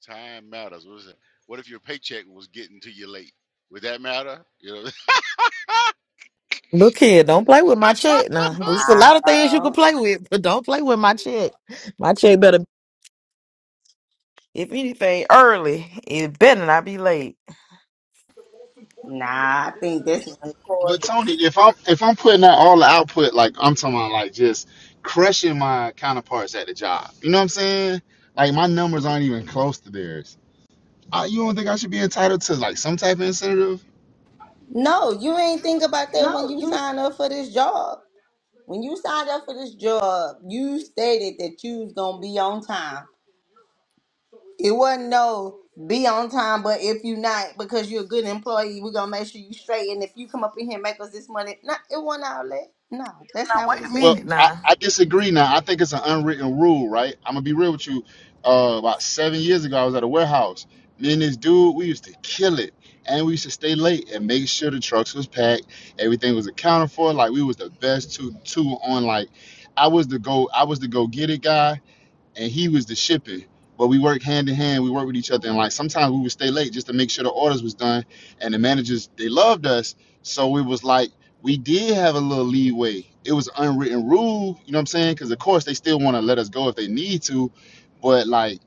A: time matters. What is it? What if your paycheck was getting to you late? Would that matter? You know.
C: Look here, don't play with my check now. There's a lot of things you can
B: Nah,
C: play with, but don't play with my check. My check better, if anything, early. It better not be late.
B: nah. I think this is
G: But
B: important.
G: Tony, if I'm if I'm putting out all the output, like I'm talking about, like just crushing my counterparts at the job. You know what I'm saying? Like my numbers aren't even close to theirs. I, you don't think I should be entitled to like some type of incentive?
B: No, you ain't think about that when you sign up for this job. When you signed up for this job, you stated that you was gonna be on time. It wasn't no be on time, but if you not because you're a good employee, we're gonna make sure you straight. And if you come up in here and make us this money, not it wasn't all that. No, that's
C: Now
B: not what
C: wait
B: it
C: a
B: said.
G: Well,
C: minute
G: I,
C: now.
G: I disagree now. I think it's an unwritten rule, right? I'm gonna be real with you. Uh, about seven years ago, I was at a warehouse. Me and this dude, we used to kill it, and we used to stay late and make sure the trucks was packed, everything was accounted for. Like we was the best two two on. Like I was the go, I was the go get it guy and he was the shipping. But we worked hand in hand. We worked with each other, and like sometimes we would stay late just to make sure the orders was done. And the managers they loved us, so it was like we did have a little leeway. It was an unwritten rule, you know what I'm saying? Because of course they still want to let us go if they need to, but like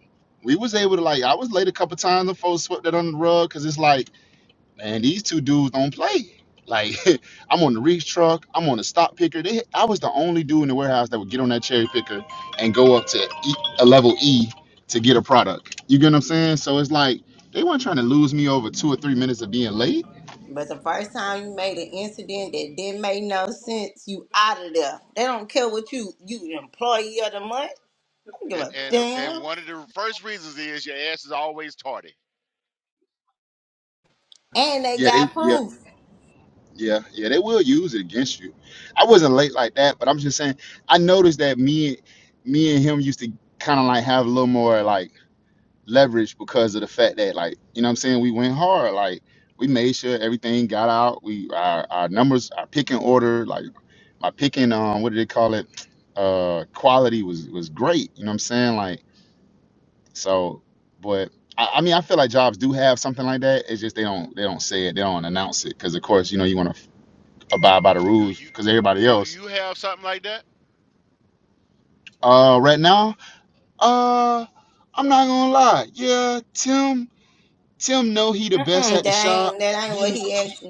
G: we was able to like I was late a couple times. The folks swept that on the rug because it's like man, these two dudes don't play. Like, I'm on the reach truck, I'm on the stop picker. They, I was the only dude in the warehouse that would get on that cherry picker and go up to e, a level E to get a product. You get what I'm saying? So it's like they weren't trying to lose me over two or three minutes of being late.
B: But the first time you made an incident that didn't make no sense, you out of there. They don't care what you you the employee of the month. I don't give
A: and
B: a
A: and and
B: damn.
A: one of the first reasons is your ass is always tardy.
B: And they
G: Yeah, they,
B: got
G: yeah,
B: proof.
G: yeah, yeah, they will use it against you. I wasn't late like that, but I'm just saying I noticed that me, me and him used to kind of like have a little more like leverage because of the fact that like you know what I'm saying we went hard like we made sure everything got out we our, our numbers our picking order like my picking um what do they call it uh quality was was great you know what I'm saying like so but I, I mean I feel like jobs do have something like that it's just they don't they don't say it they don't announce it because of course you know you want to abide by the
A: Do
G: rules
A: you
G: because everybody
A: do
G: else
A: you have something like that?
G: uh right now uh I'm not gonna lie yeah Tim Tim know he the best
B: Mm-mm,
G: at the
B: that
G: shop
B: ain't that ain't what
G: He.
B: he asked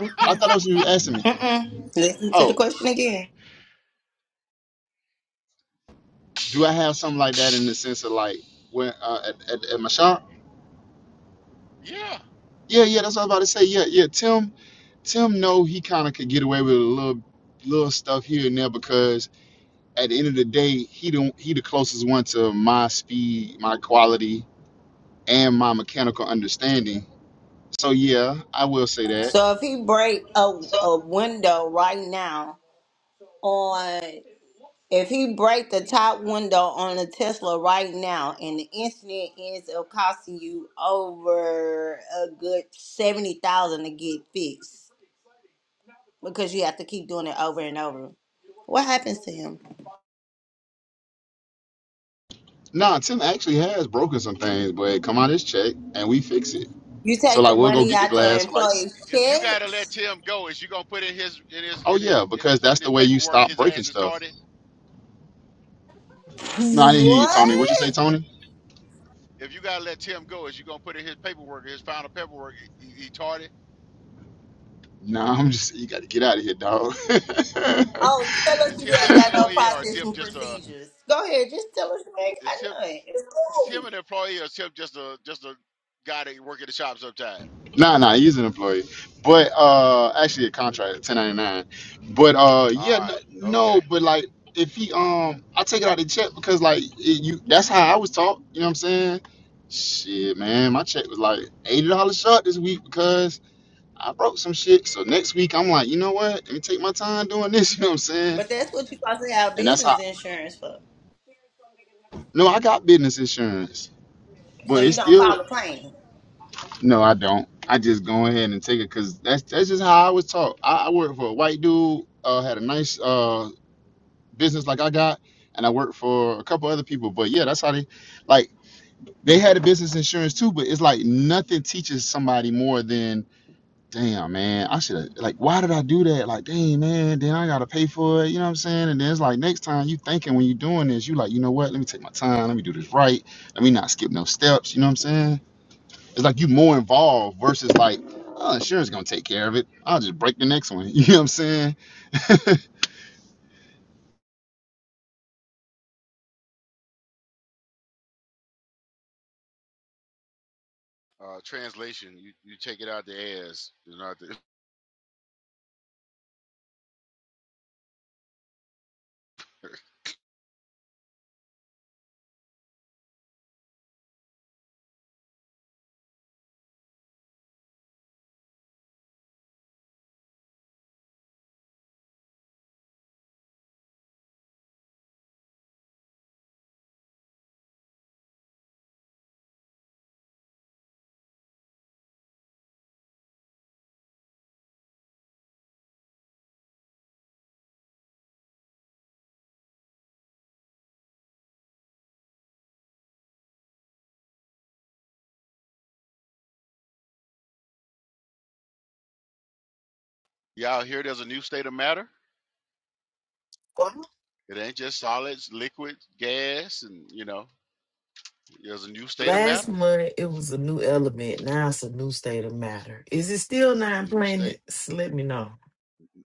B: you.
G: I thought that was you asking me.
B: Mm-mm. Listen to the
G: Oh,
B: question again.
G: do I have something like that in the sense of like when uh, at, at, at my shop?
A: Yeah.
G: Yeah, yeah, that's what I was about to say. Yeah, yeah. Tim, Tim, know he kind of could get away with a little, little stuff here and there because at the end of the day, he don't he the closest one to my speed, my quality, and my mechanical understanding. So yeah, I will say that.
B: So if he break a, a window right now on if he break the top window on a Tesla right now and the incident ends up costing you over a good seventy thousand to get fixed because you have to keep doing it over and over. What happens to him?
G: Nah, Tim actually has broken some things, but come on, his check and we fix it.
B: You
G: So
B: take the
G: like we'll go
B: money
G: get the
B: out your
G: glass for like,
B: employee's
A: If you gotta let
B: checks?
A: Tim go, is you gonna put in his in his
G: oh
A: in his
G: yeah,
A: in
G: because
A: his
G: that's
A: in
G: the
A: his
G: way you
A: paperwork
G: stop
A: his
G: breaking
A: ass is
G: stuff
A: tardy?
G: No, I didn't hear you, Tony. What you say,
B: What?
G: Tony?
A: If you gotta let Tim go, is you gonna put in his paperwork, his final paperwork? He, he tardy.
G: No, I'm just you gotta get out of here, dog.
B: Oh, tell us
A: Is
B: you
A: him an
B: ain't got no
A: employee or
B: process
A: Tim
B: and
A: just a?
B: procedures. Go ahead, just tell us you ain't got
A: Is him
B: none. It's
A: is
B: cool.
A: him an employee or is Tim just a just a guy that work at the shop sometime?
G: nah, nah, he's an employee. But uh actually a contract, ten ninety nine. But uh yeah,
A: All
G: no,
A: right, okay.
G: no, but like if he um I take it out of the check because like it, you that's how I was taught, you know what I'm saying? Shit, man, my check was like eighty dollars short this week because I broke some shit. So next week I'm like, you know what? Let me take my time doing this, you know what I'm saying?
B: But that's what you supposed to have
G: And that's
B: business
G: how
B: insurance for.
G: no, I got business insurance.
B: So
G: But
B: you
G: it's
B: don't
G: still
B: file a claim.
G: no, I don't. I just go ahead and take it because that's that's just how I was taught. I, I worked for a white dude, uh, had a nice uh, business like I got, and I worked for a couple other people. But yeah, that's how they like they had a business insurance too. But it's like nothing teaches somebody more than damn man, I should have like why did I do that? Like damn man, then I gotta pay for it. You know what I'm saying? And then it's like next time you thinking when you doing this, you like you know what? Let me take my time. Let me do this right. Let me not skip no steps. You know what I'm saying? It's like you more involved versus like, oh, insurance gonna take care of it. I'll just break the next one. You know what I'm saying?
A: Uh, translation: you, you take it out the ass. You know, the- y'all hear there's a new state of matter. It ain't just solids, liquid, gas, and you know, there's a new state of
C: Last
A: matter.
C: month it was a new element. Now it's a new state of matter. Is it still nine
A: New state,
C: planets? Let me know.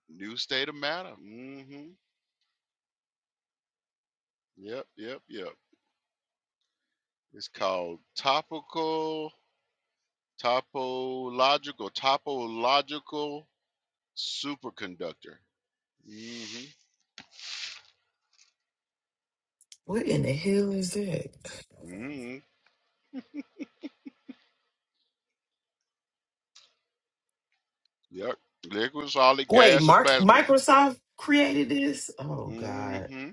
A: new state of matter. mm hmm Yep, yep, yep. It's called topical, topological, topological superconductor. hmm
C: What in the hell is that?
A: hmm Yep. Liquid, solid,
C: Wait,
A: gas, or
C: Mark
A: plasma.
C: Microsoft created this? Oh God.
A: Mm-hmm.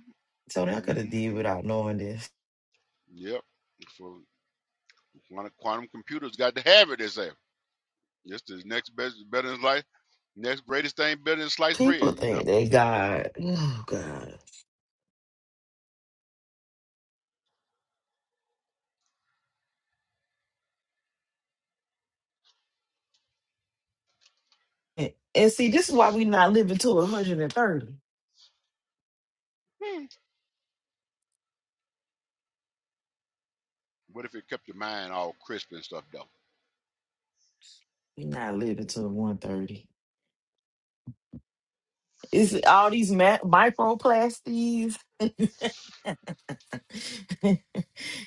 C: Tony, I could have did
A: Mm-hmm.
C: without knowing this.
A: Yep. For quantum, quantum computers got to have it, they say. This is next best better than life. Next greatest thing better than sliced
C: People
A: bread, you know?
C: think they God. Oh God. And, and see, this is why we not living to 130.
A: Hmm. What if it kept your mind all crisp and stuff though?
C: we not living to 130. It's all these ma- microplasties and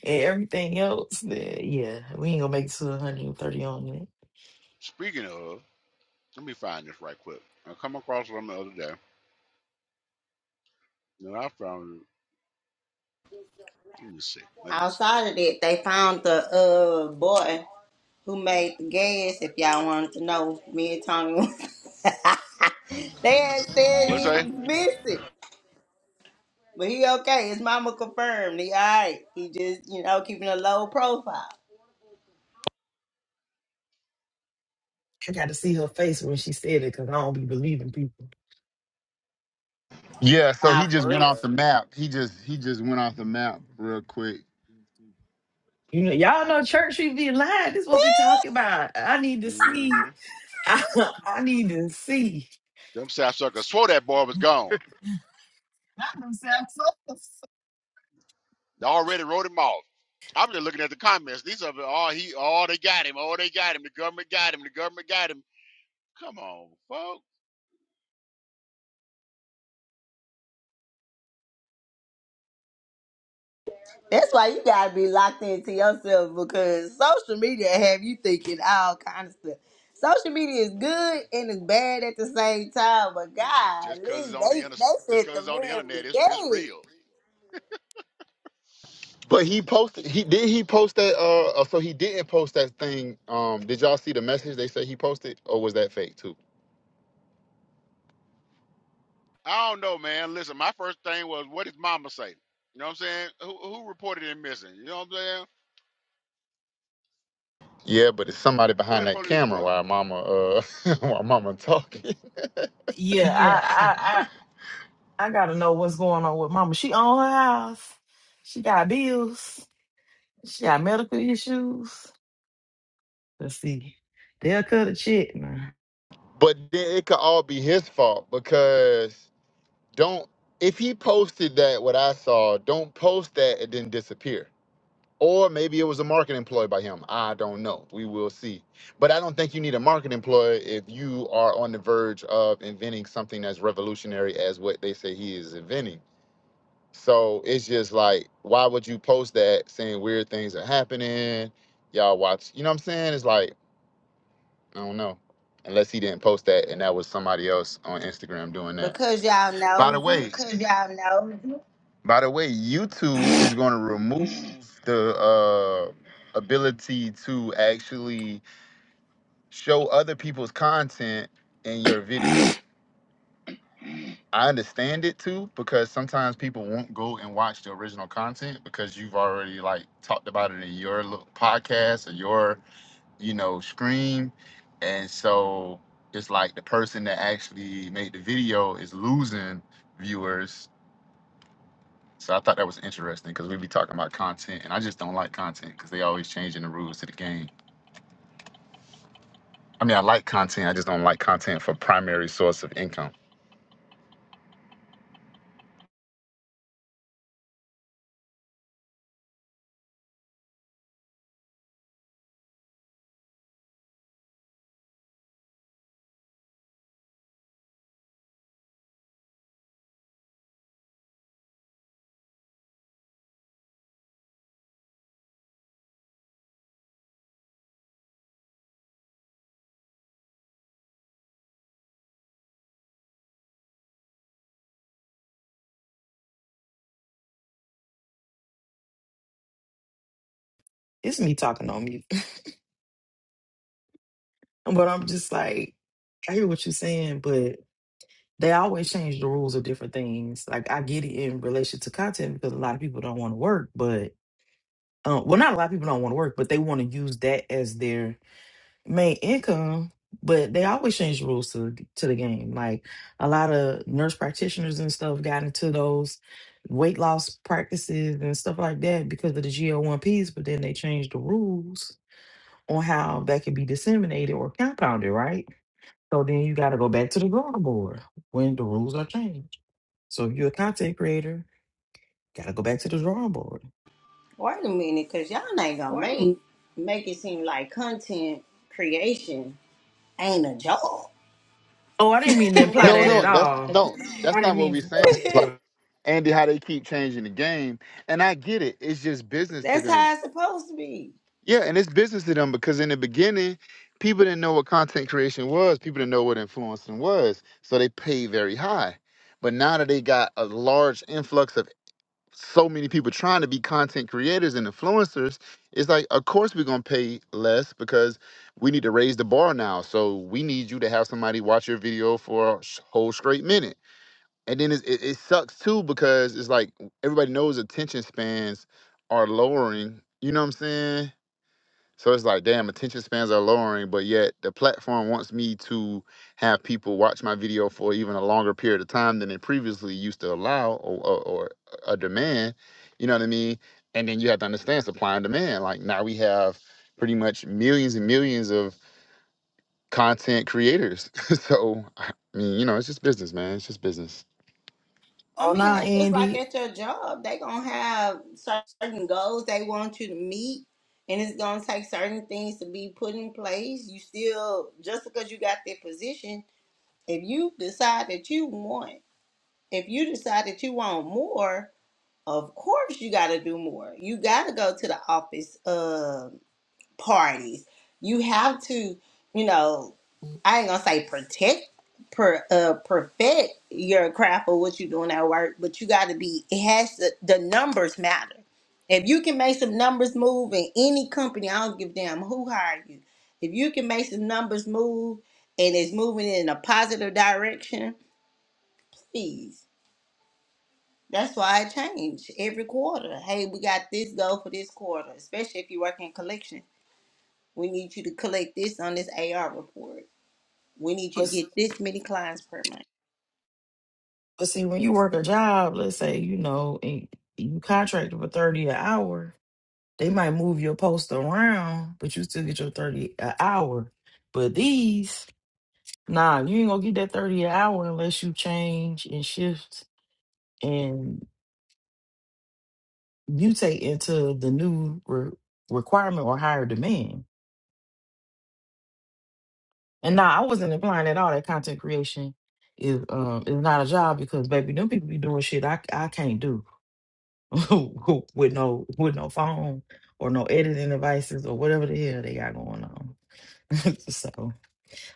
C: everything else. that- Yeah, we ain't gonna make it to 130 on it.
A: Speaking of, let me find this right quick. I come across something the other day. Then I found it. Let me see. Let me see.
B: Outside of that, they found the uh boy who made the gas, if y'all wanted to know. Me and Tommy They had said
A: What's
B: he
A: that?
B: was missing. But he okay. His mama confirmed. He alright. He just, you know, keeping a low profile.
C: I got to see her face when she said it because I don't be believing people.
G: yeah. So he
B: Nah,
G: just
B: for
G: went
B: real.
G: off the map. He just he just went off the map real quick.
C: You know, y'all know church we be lying. This is what we talking about. I need to see.
A: Mm-hmm.
C: I, need to see.
A: Them sapsuckers swore that boy was gone.
C: Not themselves.
A: They already wrote him off. I'm just looking at the comments. These are all he all they got him. Oh, they got him. The government got him. The government got him. Come on, folks.
B: That's why you gotta be locked into yourself because social media have you thinking all kind of stuff. Social media is
A: mm
B: good
A: hmm
B: and it's bad at the same time, but
A: And, and just cause
B: golly,
A: it's on
B: they
A: the inter-
B: they
A: just
B: said
A: cause
B: the
A: it's on the
B: man was
A: internet, it's it's
B: dead
A: real.
G: But he posted. He did. He post that. Uh. uh, So he didn't post that thing. Um. Did y'all see the message they said he posted, or was that fake too?
A: I don't know, man. Listen, my first thing was what did mama say? You know what I'm saying? Who who reported him missing? You know what I'm saying?
G: Yeah, but it's somebody
A: Where
G: behind
A: the
G: that
A: police
G: camera
A: report?
G: while mama uh while mama talking. Yeah.
C: Yeah,
G: I, I...
C: I gotta know what's going on with mama. She own her house. She got bills. She got medical issues. Let's see. They'll cut a check, man.
G: But then it could all be his fault because don't if he posted that what I saw, don't post that and then disappear. Or maybe it was a marketing employee by him. I don't know. We will see. But I don't think you need a marketing employee if you are on the verge of inventing something that's revolutionary as what they say he is inventing. So it's just like, why would you post that saying weird things are happening? Y'all watch, you know what I'm saying? It's like, I don't know. Unless he didn't post that and that was somebody else on Instagram doing that.
B: because y'all
G: By the
B: know.
G: way, Cause y'all know. by the way, YouTube is going to remove the uh, ability to actually show other people's content in your video. I understand it too because sometimes people won't go and watch the original content because you've already like talked about it in your little podcast or your you know stream, and so it's like the person that actually made the video is losing viewers So I thought that was interesting because we be talking about content, and I just don't like content because they always changing the rules to the game. I mean, I like content, I just don't like content for primary source of income.
C: It's me talking on mute. but I'm just like, I hear what you're saying, but they always change the rules of different things. Like I get it in relation to content because a lot of people don't want to work, but um, well, not a lot of people don't want to work, but they want to use that as their made income, but they always change the rules to the, to the game. Like a lot of nurse practitioners and stuff got into those weight loss practices and stuff like that because of the GL1Ps, but then they changed the rules on how that could be disseminated or compounded, right? So then you got to go back to the drawing board when the rules are changed. So if you're a content creator, got to go back to the drawing board.
B: Wait a minute, cause y'all ain't gonna
G: Well, I
B: make
G: don't-
B: make it seem like content creation ain't a job.
C: Oh, I didn't mean to imply
G: No,
C: that at
G: no, that's
C: all.
G: no,
C: I
G: that's
C: didn't
G: not what
C: mean
G: we're
C: to
G: saying.
C: imply
G: It's
C: that
G: just
C: at
G: like
C: all.
G: Andy, how they keep changing the game, and I get it. It's just business to
B: That's
G: them.
B: how it's supposed to be.
G: Yeah, and it's business to them because in the beginning, people didn't know what content creation was. People didn't know what influencing was, so they paid very high. But now that they got a large influx of so many people trying to be content creators and influencers, it's like, of course, we're going to pay less because we need to raise the bar now. So we need you to have somebody watch your video for a sh- whole straight minute. And then it's, it, it sucks too because it's like everybody knows attention spans are lowering. You know what I'm saying? So it's like, damn, attention spans are lowering, but yet the platform wants me to have people watch my video for even a longer period of time than it previously used to allow or, or, or uh, a demand. You know what I mean? And then you have to understand supply and demand. Like now we have pretty much millions and millions of content creators. so, I mean, you know, it's just business, man. It's just business.
B: I
C: Oh,
B: mean,
C: nah,
B: that's just like
C: Andy.
B: at your job. They gonna have certain goals they want you to meet, and it's gonna take certain things to be put in place. You still, just because you got that position, if you decide that you want, if you decide that you want more, of course you gotta do more. You gotta go to the office. Um parties. You have to, you know, I ain't gonna say protect, per, uh, perfect your craft or what you're doing at work, but you got to be. It has to, the numbers matter. If you can make some numbers move in any company, I don't give a damn who hired you. If you can make some numbers move and it's moving in a positive direction, please. That's why I change every quarter. Hey, we got this goal for this quarter, especially if you work in collection we need you to collect this on this AR report. We need you to
C: but.
B: get this many clients per month.
C: But see, when you work a job, let's say, you know, and you contracted for 30 an hour, they might move your post around, but you still get your 30 an hour. But these, nah, you ain't gonna get that 30 an hour unless you change and shift and mutate into the new re- requirement or higher demand. And nah, I wasn't implying at all that content creation is um is not a job because baby, them people be doing shit I I can't do. with no with no phone or no editing devices or whatever the hell they got going on. so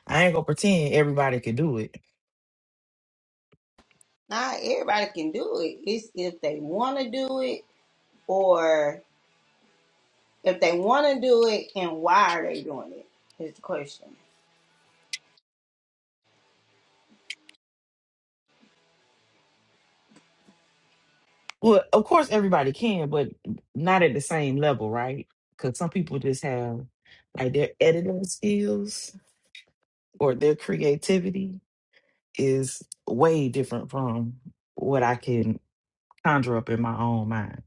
C: I ain't gonna pretend everybody can do it.
B: Not everybody can do it. It's if they want to do it or if they want to do it and why are they doing it is the question.
C: Well, of course everybody can, but not at the same level, right? Because some people just have like their editing skills or their creativity is way different from what I can conjure up in my own mind.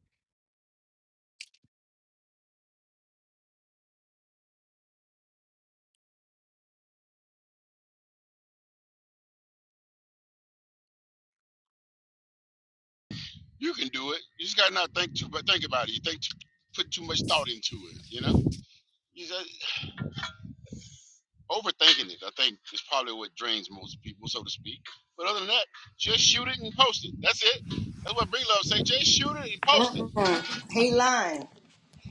A: You can do it. You just gotta not think too, but think about it. You think too, put too much thought into it. You know, you just overthinking it. I think is probably what drains most people, so to speak. But other than that, just shoot it and post it. That's it. That's what Big Love say. Just shoot it and post it.
B: Mm-mm. He lying.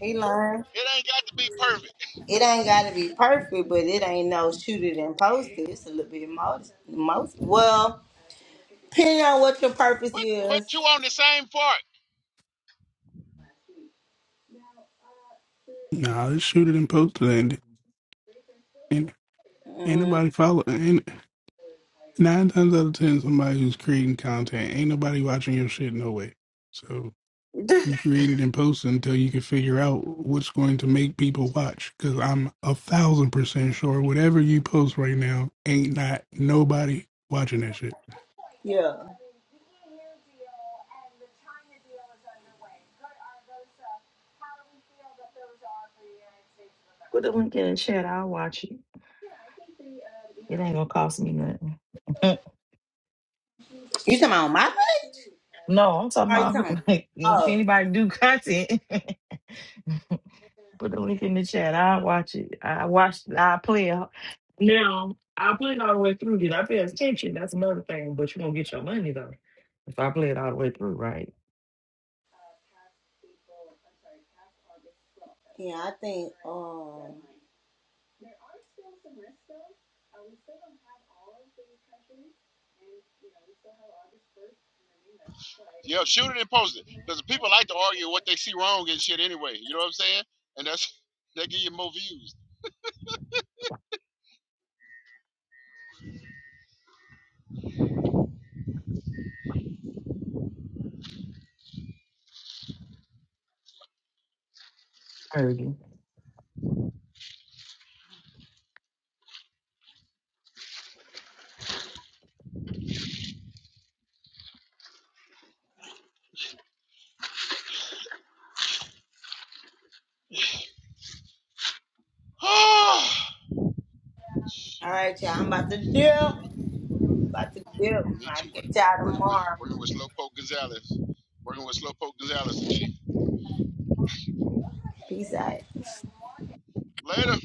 B: He lying.
A: It ain't got to be perfect.
B: It ain't got to be perfect, but it ain't no shoot it and post it. It's a little bit most. most. Well, depending on what your purpose
A: Put put two
B: is.
A: on the same part.
J: Nah, just shoot it and post it, and and ain't nobody follow. And nine times out of ten, somebody who's creating content ain't nobody watching your shit no way. So you create it and post it until you can figure out what's going to make people watch. Because I'm a thousand percent sure whatever you post right now ain't not nobody watching that shit.
B: Yeah.
C: Put the link in the chat, I'll watch it. It ain't gonna cost me nothing.
B: You talking about on my page?
C: No, I'm talking
B: Or you
C: about who-
B: talking?
C: like if
B: Oh,
C: anybody do content. Put the link in the chat. I watch it. I watch. I play. it. Now I play it all the way through. Did I pay attention? That's another thing. But you gonna get your money though if I play it all the way through, right?
B: yeah, I think, um, all
A: Yeah, shoot it and post it. Because people like to argue what they see wrong and shit anyway. You know what I'm saying? And that's that give you more views.
C: Heard
B: right, y'all, I'm about to dip. About to dip.
A: Me
B: I'll
A: too.
B: catch y'all
A: Working with
B: tomorrow.
A: working with Slowpoke Gonzalez. Working with Slowpoke Gonzalez.
B: Peace out.
A: Later.